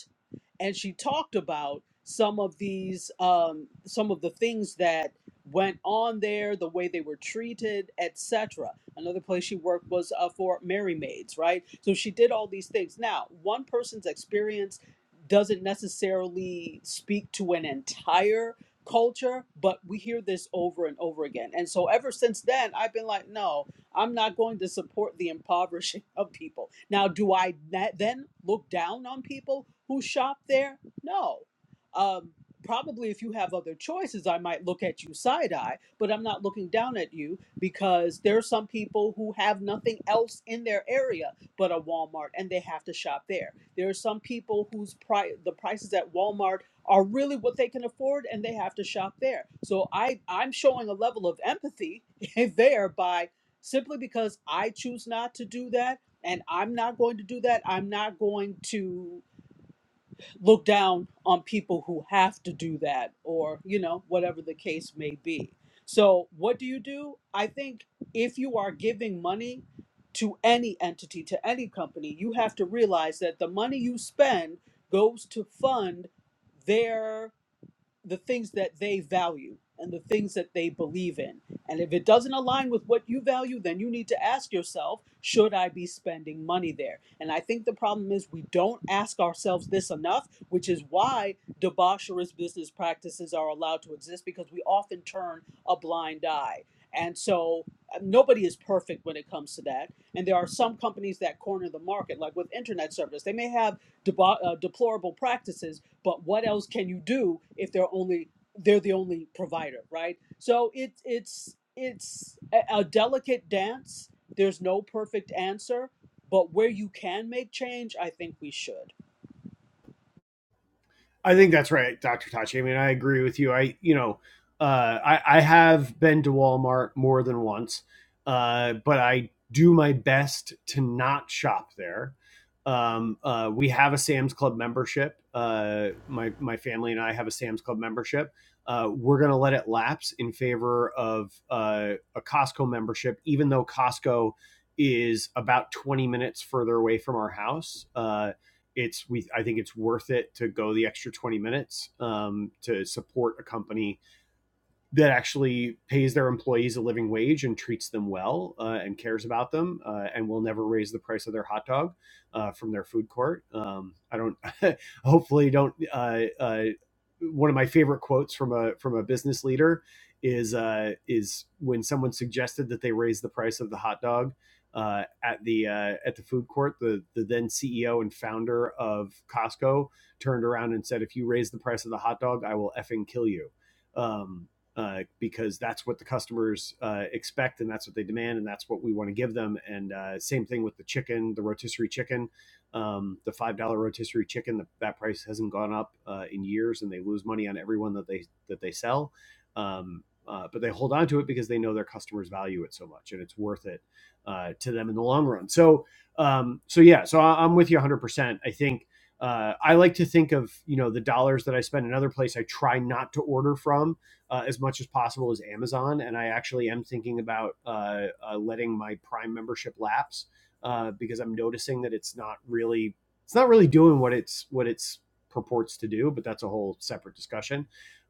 S5: and she talked about some of these um, some of the things that went on there the way they were treated etc another place she worked was uh, for mary maids right so she did all these things now one person's experience doesn't necessarily speak to an entire culture but we hear this over and over again and so ever since then i've been like no I'm not going to support the impoverishing of people. Now, do I then look down on people who shop there? No. Um, probably if you have other choices, I might look at you side eye, but I'm not looking down at you because there are some people who have nothing else in their area but a Walmart and they have to shop there. There are some people whose pri- the prices at Walmart are really what they can afford and they have to shop there. So I I'm showing a level of empathy (laughs) there by simply because I choose not to do that. And I'm not going to do that. I'm not going to look down on people who have to do that or, you know, whatever the case may be. So, what do you do? I think if you are giving money to any entity, to any company, you have to realize that the money you spend goes to fund their the things that they value and the things that they believe in. And if it doesn't align with what you value, then you need to ask yourself, should I be spending money there? And I think the problem is we don't ask ourselves this enough, which is why debaucherous business practices are allowed to exist because we often turn a blind eye. And so uh, nobody is perfect when it comes to that. And there are some companies that corner the market, like with internet service. They may have deba- uh, deplorable practices, but what else can you do if they're only they're the only provider right so it, it's it's a, a delicate dance there's no perfect answer but where you can make change i think we should
S2: I think that's right, Dr. Tachi. I mean, I agree with you. I, you know, uh, I, I have been to Walmart more than once, uh, but I do my best to not shop there. Um, uh, we have a Sam's Club membership. Uh, my my family and I have a Sam's Club membership. Uh, we're going to let it lapse in favor of uh, a Costco membership, even though Costco is about 20 minutes further away from our house. Uh, it's we I think it's worth it to go the extra 20 minutes um, to support a company that actually pays their employees a living wage and treats them well uh, and cares about them uh, and will never raise the price of their hot dog uh, from their food court. Um, I don't, (laughs) hopefully, don't. Uh, uh, one of my favorite quotes from a from a business leader is uh, is when someone suggested that they raise the price of the hot dog. Uh, at the uh, at the food court, the the then CEO and founder of Costco turned around and said, "If you raise the price of the hot dog, I will effing kill you." Um, uh, because that's what the customers uh, expect and that's what they demand and that's what we want to give them. And uh, same thing with the chicken, the rotisserie chicken, um, the five dollar rotisserie chicken. The, that price hasn't gone up uh, in years, and they lose money on everyone that they that they sell. Um, uh, but they hold on to it because they know their customers value it so much and it's worth it uh, to them in the long run. So, um, so yeah, so I, I'm with you 100%. I think uh, I like to think of you know the dollars that I spend in other place. I try not to order from uh, as much as possible is Amazon. And I actually am thinking about uh, uh, letting my Prime membership lapse uh, because I'm noticing that it's not really it's not really doing what it's what it's purports to do. But that's a whole separate discussion.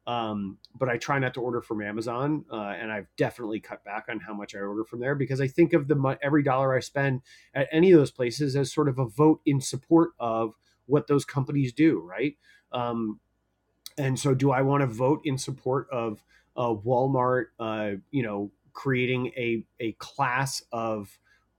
S2: Um, but I try not to order from Amazon, uh, and I've definitely cut back on how much I order from there because I think of the every dollar I spend at any of those places as sort of a vote in support of what those companies do, right? Um, and so, do I want to vote in support of uh, Walmart? Uh, you know, creating a a class of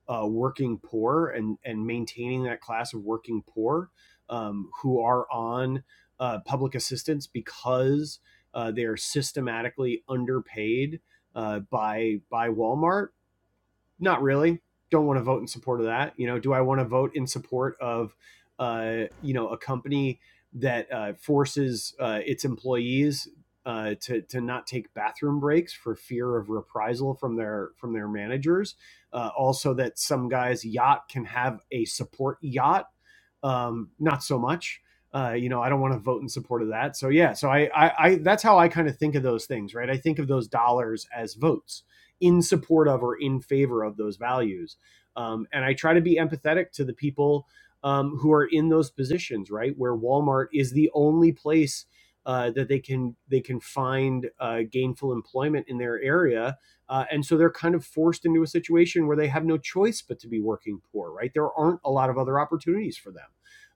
S2: uh, working poor and and maintaining that class of working poor um, who are on uh, public assistance because uh, they are systematically underpaid uh, by by Walmart not really. Don't want to vote in support of that. You know, do I want to vote in support of, uh, you know, a company that uh, forces uh, its employees uh, to to not take bathroom breaks for fear of reprisal from their from their managers? Uh, also, that some guy's yacht can have a support yacht um, not so much. Uh, you know, I don't want to vote in support of that. So yeah, so I, I, I that's how I kind of think of those things, right? I think of those dollars as votes in support of or in favor of those values, um, and I try to be empathetic to the people um, who are in those positions, right? Where Walmart is the only place uh, that they can they can find uh, gainful employment in their area, uh, and so they're kind of forced into a situation where they have no choice but to be working poor, right? There aren't a lot of other opportunities for them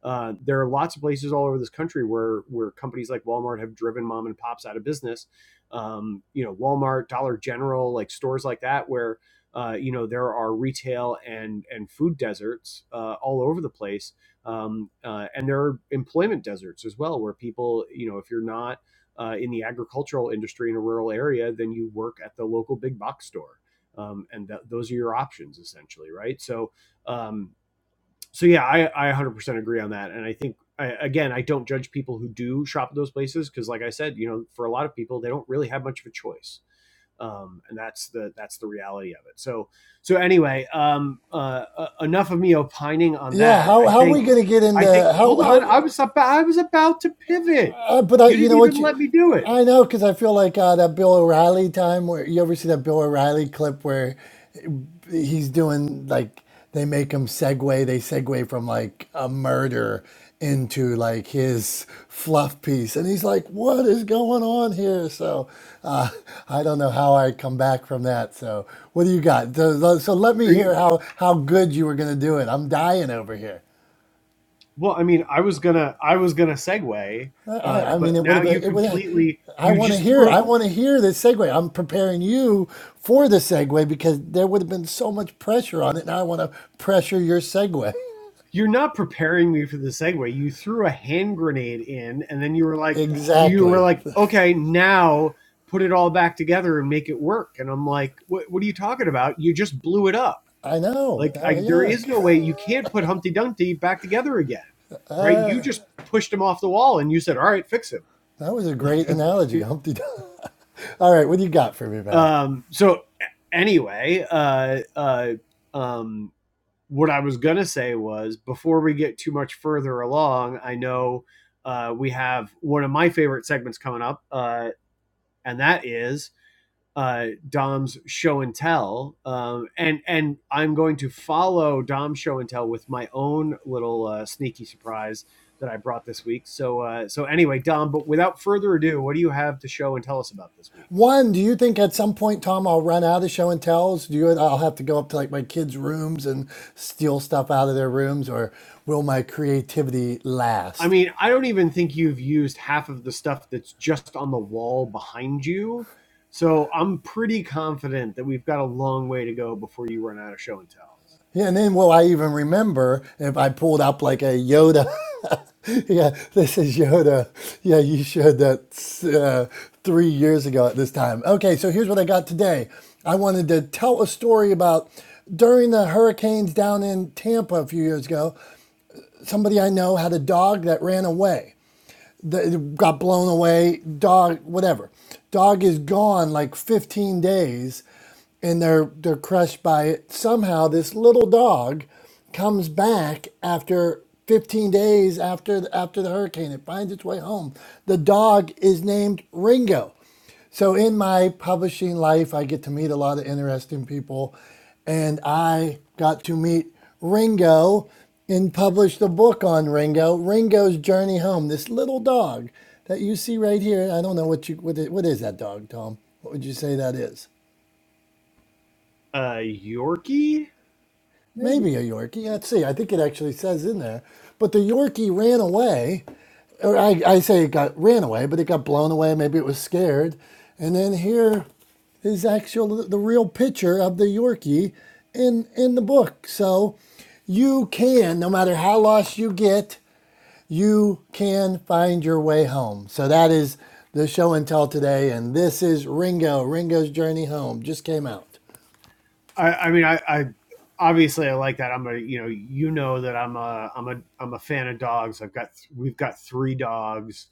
S2: uh, there are lots of places all over this country where where companies like Walmart have driven mom and pops out of business. Um, you know, Walmart, Dollar General, like stores like that, where uh, you know there are retail and and food deserts uh, all over the place, um, uh, and there are employment deserts as well, where people, you know, if you're not uh, in the agricultural industry in a rural area, then you work at the local big box store. Um, and th- those are your options essentially, right? So, um, so yeah, I I 100% agree on that, and I think I, again I don't judge people who do shop at those places because, like I said, you know, for a lot of people they don't really have much of a choice, um, and that's the that's the reality of it. So so anyway, um, uh, uh, enough of me opining on
S1: Yeah,
S2: that. Yeah,
S1: how,
S2: I
S1: how are
S2: think
S1: we
S2: okay.
S1: going to get into
S2: I think
S1: how
S2: hold
S1: how?
S2: on, I was about I was about to pivot.
S1: Uh, but I,
S2: You
S1: you
S2: didn't
S1: know what
S2: even
S1: you,
S2: let me do it.
S1: I know because I feel like uh, that Bill O'Reilly time where you ever see that Bill O'Reilly clip where he's doing like they make him segue they segue from like a murder into like his fluff piece and he's like what is going on here so uh, i don't know how i come back from that so what do you got so, so let me
S2: Are you?
S1: hear how how good you were going to do it i'm dying over here
S2: Well, I mean, I was gonna, I was gonna segue,
S1: i,
S2: uh,
S1: I I mean
S2: but
S1: it would
S2: now
S1: have been.
S2: you
S1: it would
S2: completely,
S1: I
S2: you
S1: want to
S2: just
S1: hear. I
S2: threw,
S1: want to hear this segue. I'm preparing you for the segue because there would have been so much pressure on it, and I want to pressure your segue.
S2: you're not preparing me for the segue. You threw a hand grenade in, and then you were like, you were
S1: Exactly.
S2: like, okay, now put it all back together and make it work. And I'm like, what, what are you talking about? You just blew it up.
S1: I know.
S2: Like,
S1: Now,
S2: I, there
S1: yuck.
S2: is
S1: (laughs)
S2: no way you can't put Humpty Dumpty back together again, right? You just pushed him off the wall, and you said, all right, fix him.
S1: That was a
S2: (laughs)
S1: great analogy,
S2: Like,
S1: Humpty. Dumpty. (laughs) All right, what do you got for me, man?
S2: um, so anyway, uh, uh, um, what I was going to say was before we get too much further along, I know uh, we have one of my favorite segments coming up, uh, and that is uh, Dom's show and tell. Um, and and I'm going to follow Dom's show and tell with my own little uh, sneaky surprise that I brought this week. So uh, so anyway, Dom, but without further ado, what do you have to show and tell us about this week?
S1: One, do you think at some point, Tom, I'll run out of show and tells? Do you? I'll have to go up to like my kids' rooms and steal stuff out of their rooms, or will my creativity
S2: I
S1: last?
S2: mean, I don't even think you've used half of the stuff that's just on the wall behind you. So I'm pretty confident that we've got a long way to go before you run out of show and tells.
S1: Yeah, and then will I even remember if I pulled up like a Yoda? (laughs) yeah, this is Yoda. Yeah, you showed that uh, three years ago at this time. Okay, so here's what I got today. I wanted to tell a story about during the hurricanes down in Tampa a few years ago. Somebody I know had a dog that ran away that got blown away. Dog, whatever. Dog is gone like 15 days, and they're they're crushed by it. Somehow, this little dog comes back after 15 days after the, after the hurricane. It finds its way home. The dog is named Ringo. So in my publishing life, I get to meet a lot of interesting people, and I got to meet Ringo and published a book on Ringo, Ringo's Journey Home. This little dog that you see right here. I don't know what you what is, what is that dog, Tom? What would you say that is?
S2: Uh, Yorkie?
S1: maybe a Yorkie. Let's see. I think it actually says in there. But the Yorkie ran away, or I, I say it got ran away, but it got blown away. Maybe it was scared. And then here is actual the real picture of the Yorkie in in the book. So you can, no matter how lost you get, you can find your way home. So that is the show and tell today, and this is Ringo. Ringo's journey home just came out.
S2: I, I mean, I, I obviously I like that. I'm a you know you know that I'm a I'm a I'm a fan of dogs. I've got we've got three dogs,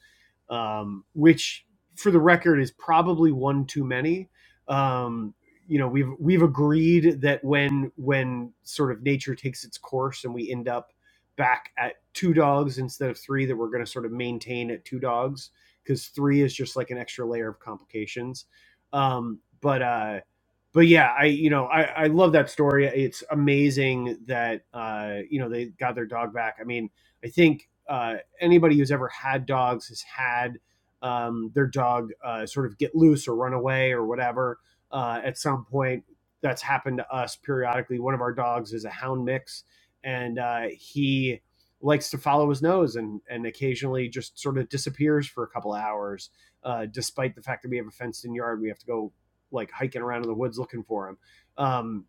S2: um, which for the record is probably one too many. Um, you know we've we've agreed that when when sort of nature takes its course and we end up back at two dogs instead of three that we're going to sort of maintain at two dogs because three is just like an extra layer of complications. Um, but uh, but yeah, I you know I I love that story. It's amazing that uh, you know they got their dog back. I mean, I think uh, anybody who's ever had dogs has had um, their dog uh, sort of get loose or run away or whatever uh, at some point. That's happened to us periodically. One of our dogs is a hound mix, and uh, he likes to follow his nose and and occasionally just sort of disappears for a couple of hours, uh, despite the fact that we have a fenced in yard. We have to go like hiking around in the woods looking for him. Um,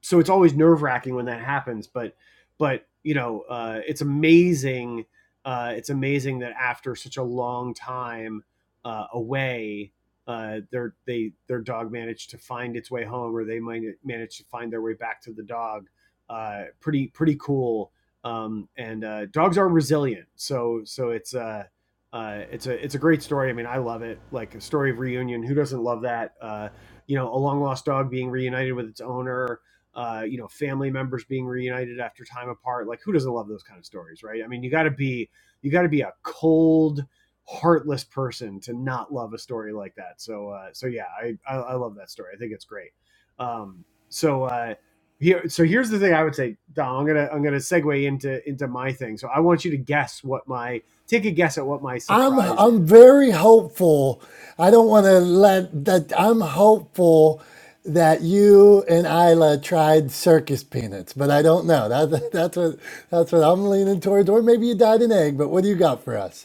S2: so it's always nerve wracking when that happens. But but you know, uh, it's amazing. Uh, it's amazing that after such a long time uh, away, uh, their they their dog managed to find its way home, or they might manage to find their way back to the dog. Uh, pretty pretty cool. Um, and uh, dogs are resilient, so so it's uh, uh, it's a it's a great story. I mean, I love it. Like a story of reunion. Who doesn't love that? Uh, you know, a long lost dog being reunited with its owner uh, you know, family members being reunited after time apart. Like, who doesn't love those kind of stories, right? I mean, you got to be you got to be a cold, heartless person to not love a story like that. So, uh, so yeah, I, I I love that story. I think it's great. Um, so uh, here, so here's the thing I would say, Dom. I'm gonna I'm gonna segue into into my thing. So I want you to guess what my take a guess at what my
S1: I'm
S2: surprise
S1: I'm
S2: is.
S1: very hopeful. I don't want to let that. I'm hopeful that you and Isla tried circus peanuts, but I don't know. That, (laughs) that's what that's what I'm leaning towards. Or maybe you dyed an egg. But what do you got for us?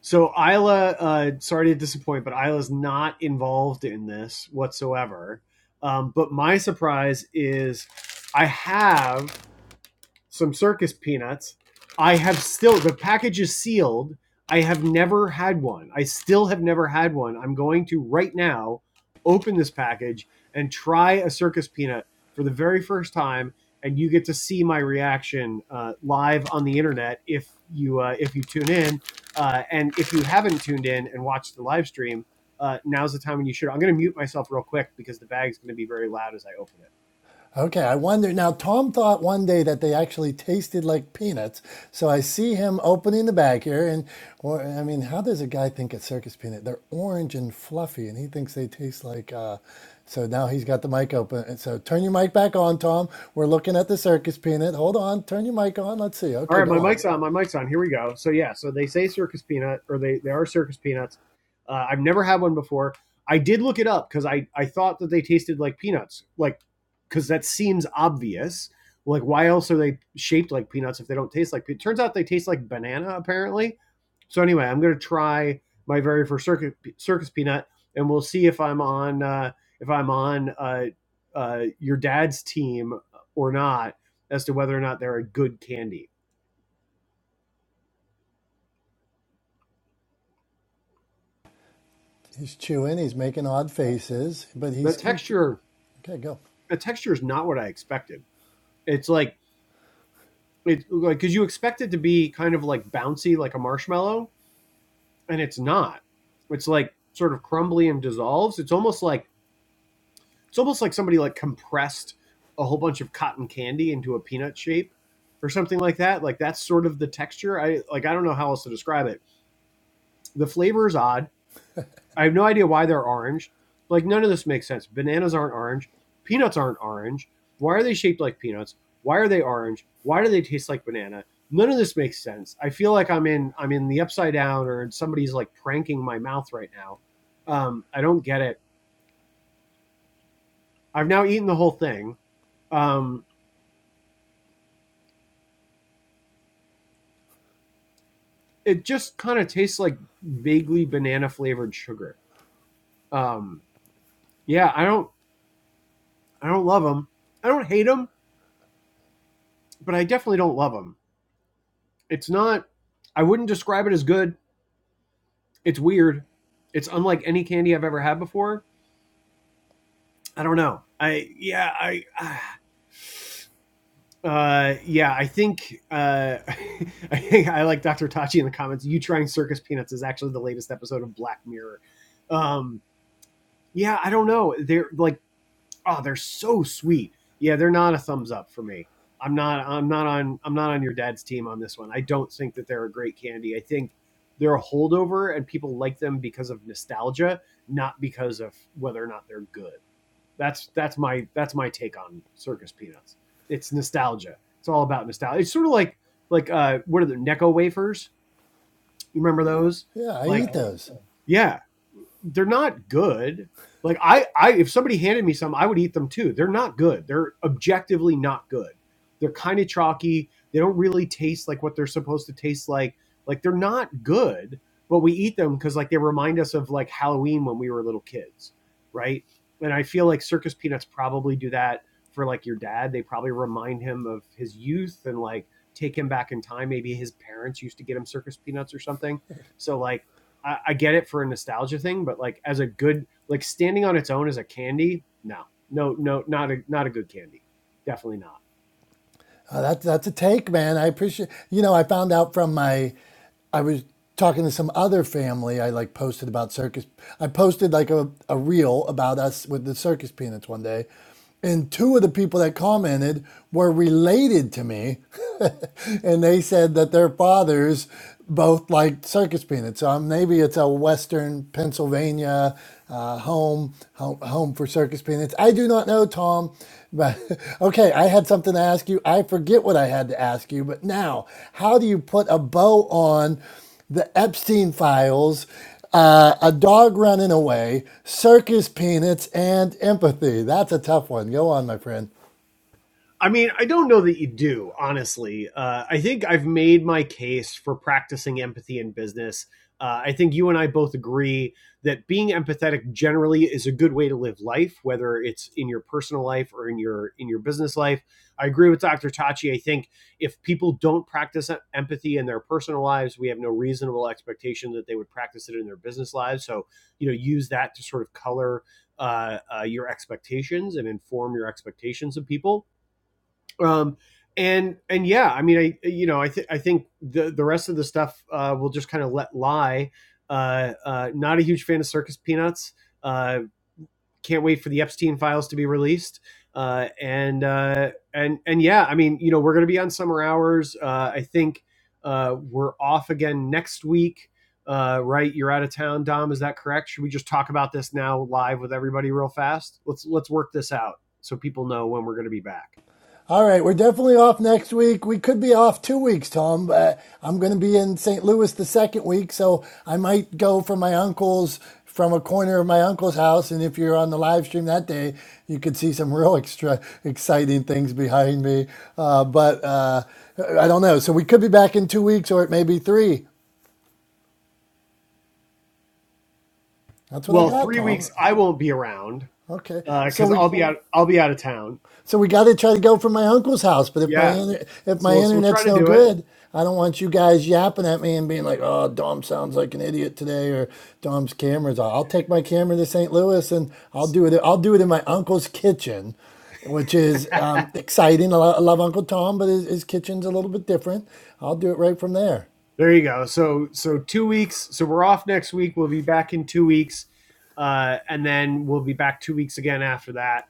S2: So Isla, uh, sorry to disappoint, but Isla's not involved in this whatsoever. Um, but my surprise is I have some circus peanuts. I have still the package is sealed. I have never had one. I still have never had one. I'm going to right now open this package and try a circus peanut for the very first time, and you get to see my reaction uh, live on the internet if you uh, if you tune in. Uh, and if you haven't tuned in and watched the live stream, uh, now's the time when you should. I'm going to mute myself real quick because the bag's going to be very loud as I open it.
S1: Okay, I wonder. Now, Tom thought one day that they actually tasted like peanuts. So I see him opening the bag here. And, or, I mean, how does a guy think a circus peanut? They're orange and fluffy, and he thinks they taste like. Uh, so now he's got the mic open. And so turn your mic back on, Tom. We're looking at the circus peanut. Hold on. Turn your mic on. Let's see.
S2: All
S1: Okay,
S2: right, my
S1: go on.
S2: mic's on. My mic's on. Here we go. So yeah, so they say circus peanut, or they they are circus peanuts. Uh, I've never had one before. I did look it up because I I thought that they tasted like peanuts, like because that seems obvious. Like why else are they shaped like peanuts if they don't taste like? Pe- Turns out they taste like banana apparently. So anyway, I'm gonna try my very first circus circus peanut, and we'll see if I'm on uh, if I'm on uh, uh, your dad's team or not as to whether or not they're a good candy.
S1: He's chewing. He's making odd faces, but
S2: the
S1: he's. Conf-
S2: texture
S1: okay, go.
S2: the texture is not what I expected. It's like it's like because you expect it to be kind of like bouncy like a marshmallow, and it's not. It's like sort of crumbly and dissolves. It's almost like it's almost like somebody like compressed a whole bunch of cotton candy into a peanut shape or something like that. Like that's sort of the texture. I like I don't know how else to describe it. The flavor is odd I have no idea why they're orange. Like none of this makes sense. Bananas aren't orange. Peanuts aren't orange. Why are they shaped like peanuts? Why are they orange? Why do they taste like banana? None of this makes sense. I feel like I'm in I'm in the upside down or somebody's like pranking my mouth right now. Um, I don't get it. I've now eaten the whole thing. Um, it just kind of tastes like vaguely banana flavored sugar. Um, yeah, I don't I don't love them. I don't hate them, but I definitely don't love them. It's not. I wouldn't describe it as good. It's weird. It's unlike any candy I've ever had before. I don't know. I yeah. I. (sighs) ah, Uh, yeah, I think uh, (laughs) I think I like Dr. Tachi in the comments. You trying circus peanuts is actually the latest episode of Black Mirror. Um, yeah, I don't know. They're like oh, they're so sweet. Yeah, they're not a thumbs up for me. I'm not I'm not on I'm not on your dad's team on this one. I don't think that they're a great candy. I think they're a holdover and people like them because of nostalgia, not because of whether or not they're good. That's that's my that's my take on circus peanuts. It's nostalgia. It's all about nostalgia. It's sort of like like uh what are the Necco wafers? You remember those?
S1: Yeah, I
S2: Like
S1: eat those.
S2: yeah, they're not good. Like I, I if somebody handed me some, I would eat them too. They're not good. They're objectively not good. They're kind of chalky. They don't really taste like what they're supposed to taste like. Like they're not good, but we eat them because like they remind us of like Halloween when we were little kids, right? And I feel like circus peanuts probably do that for like your dad. They probably remind him of his youth and like take him back in time. Maybe his parents used to get him circus peanuts or something. So like I, I get it for a nostalgia thing, but like as a good like standing on its own as a candy, no, no, no, not a not a good candy, definitely not.
S1: Oh, that's that's a take, man. I appreciate. You know, I found out from my, I was talking to some other family. I like posted about circus. I posted like a a reel about us with the circus peanuts one day, and two of the people that commented were related to me and they said that their fathers both liked circus peanuts. So um, maybe it's a Western Pennsylvania uh, home, home home for circus peanuts. I do not know, Tom. But (laughs) okay, I had something to ask you. I forget what I had to ask you, but now, how do you put a bow on the Epstein files? Uh, a dog running away, circus peanuts, and empathy. That's a tough one. Go on, my friend.
S2: I mean, I don't know that you do, honestly. Uh, I think I've made my case for practicing empathy in business. Uh, I think you and I both agree that being empathetic generally is a good way to live life, whether it's in your personal life or in your in your business life. I agree with Dr. Tachi. I think if people don't practice empathy in their personal lives, we have no reasonable expectation that they would practice it in their business lives. So, you know, use that to sort of color uh, uh, your expectations and inform your expectations of people. Um, and and yeah, I mean, I you know, I think I think the the rest of the stuff uh, we'll just kind of let lie. Uh, uh, not a huge fan of Circus Peanuts. Uh, can't wait for the Epstein files to be released. Uh, and uh, and and yeah, I mean, you know, we're going to be on summer hours. Uh, I think uh, we're off again next week. Uh, right, you're out of town, Dom. Is that correct? Should we just talk about this now live with everybody real fast? Let's let's work this out so people know when we're going to be back.
S1: All right, we're definitely off next week. We could be off two weeks, Tom. But I'm going to be in St. Louis the second week, so I might go for my uncle's from a corner of my uncle's house. And if you're on the live stream that day, you could see some (laughs) real extra exciting things behind me. Uh, but uh, I don't know. So we could be back in two weeks, or it may be three. That's what I
S2: Well,
S1: got,
S2: three
S1: Tom.
S2: weeks I will be around
S1: Okay, so
S2: because uh, I'll
S1: we
S2: be out. I'll be out of town.
S1: So we got to try to go from my uncle's house. But if my
S2: Yeah,
S1: inter- if
S2: so
S1: my
S2: we'll so we'll try
S1: internet's
S2: to
S1: no
S2: do it.
S1: good, I don't want you guys yapping at me and being like, "Oh, Dom sounds like an idiot today," or "Dom's camera's off." I'll take my camera to St. Louis and I'll do it. I'll do it in my uncle's kitchen, which is
S2: (laughs)
S1: um, exciting. I lo- I love Uncle Tom, but his, his kitchen's a little bit different. I'll do it right from there.
S2: There you go. So so two weeks. So we're off next week. We'll be back in two weeks, uh, and then we'll be back two weeks again after that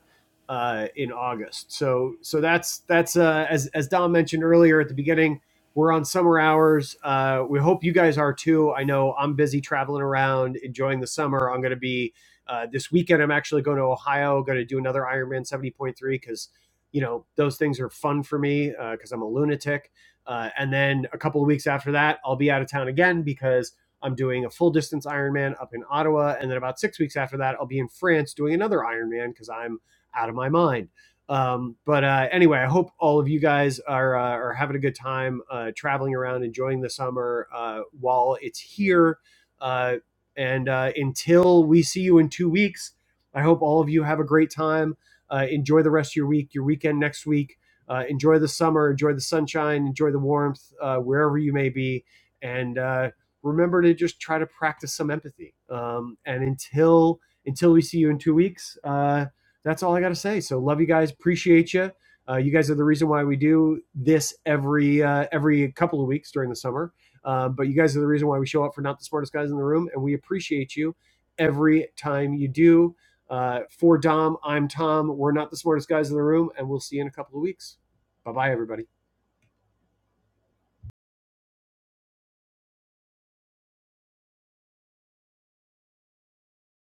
S2: uh, in August. So so that's that's uh, as as Don mentioned earlier at the beginning. We're on summer hours. Uh, we hope you guys are too. I know I'm busy traveling around, enjoying the summer. I'm going to be uh, this weekend. I'm actually going to Ohio. Going to do another Ironman 70.3 because you know those things are fun for me because uh, I'm a lunatic uh, and then a couple of weeks after that, I'll be out of town again because I'm doing a full distance Ironman up in Ottawa. And then about six weeks after that, I'll be in France doing another Ironman because I'm out of my mind. Um, but uh, anyway, I hope all of you guys are, uh, are having a good time uh, traveling around, enjoying the summer uh, while it's here. Uh, and uh, until we see you in two weeks, I hope all of you have a great time. Uh, enjoy the rest of your week, your weekend next week uh, enjoy the summer, enjoy the sunshine, enjoy the warmth uh, wherever you may be, and uh, remember to just try to practice some empathy. Um, and until until we see you in two weeks, uh, that's all I got to say. So love you guys, appreciate you. Uh, you guys are the reason why we do this every uh, every couple of weeks during the summer. Um, but you guys are the reason why we show up for not the smartest guys in the room, and we appreciate you every time you do. Uh, for Dom, I'm Tom. We're not the smartest guys in the room, and we'll see you in a couple of weeks. Bye bye, everybody.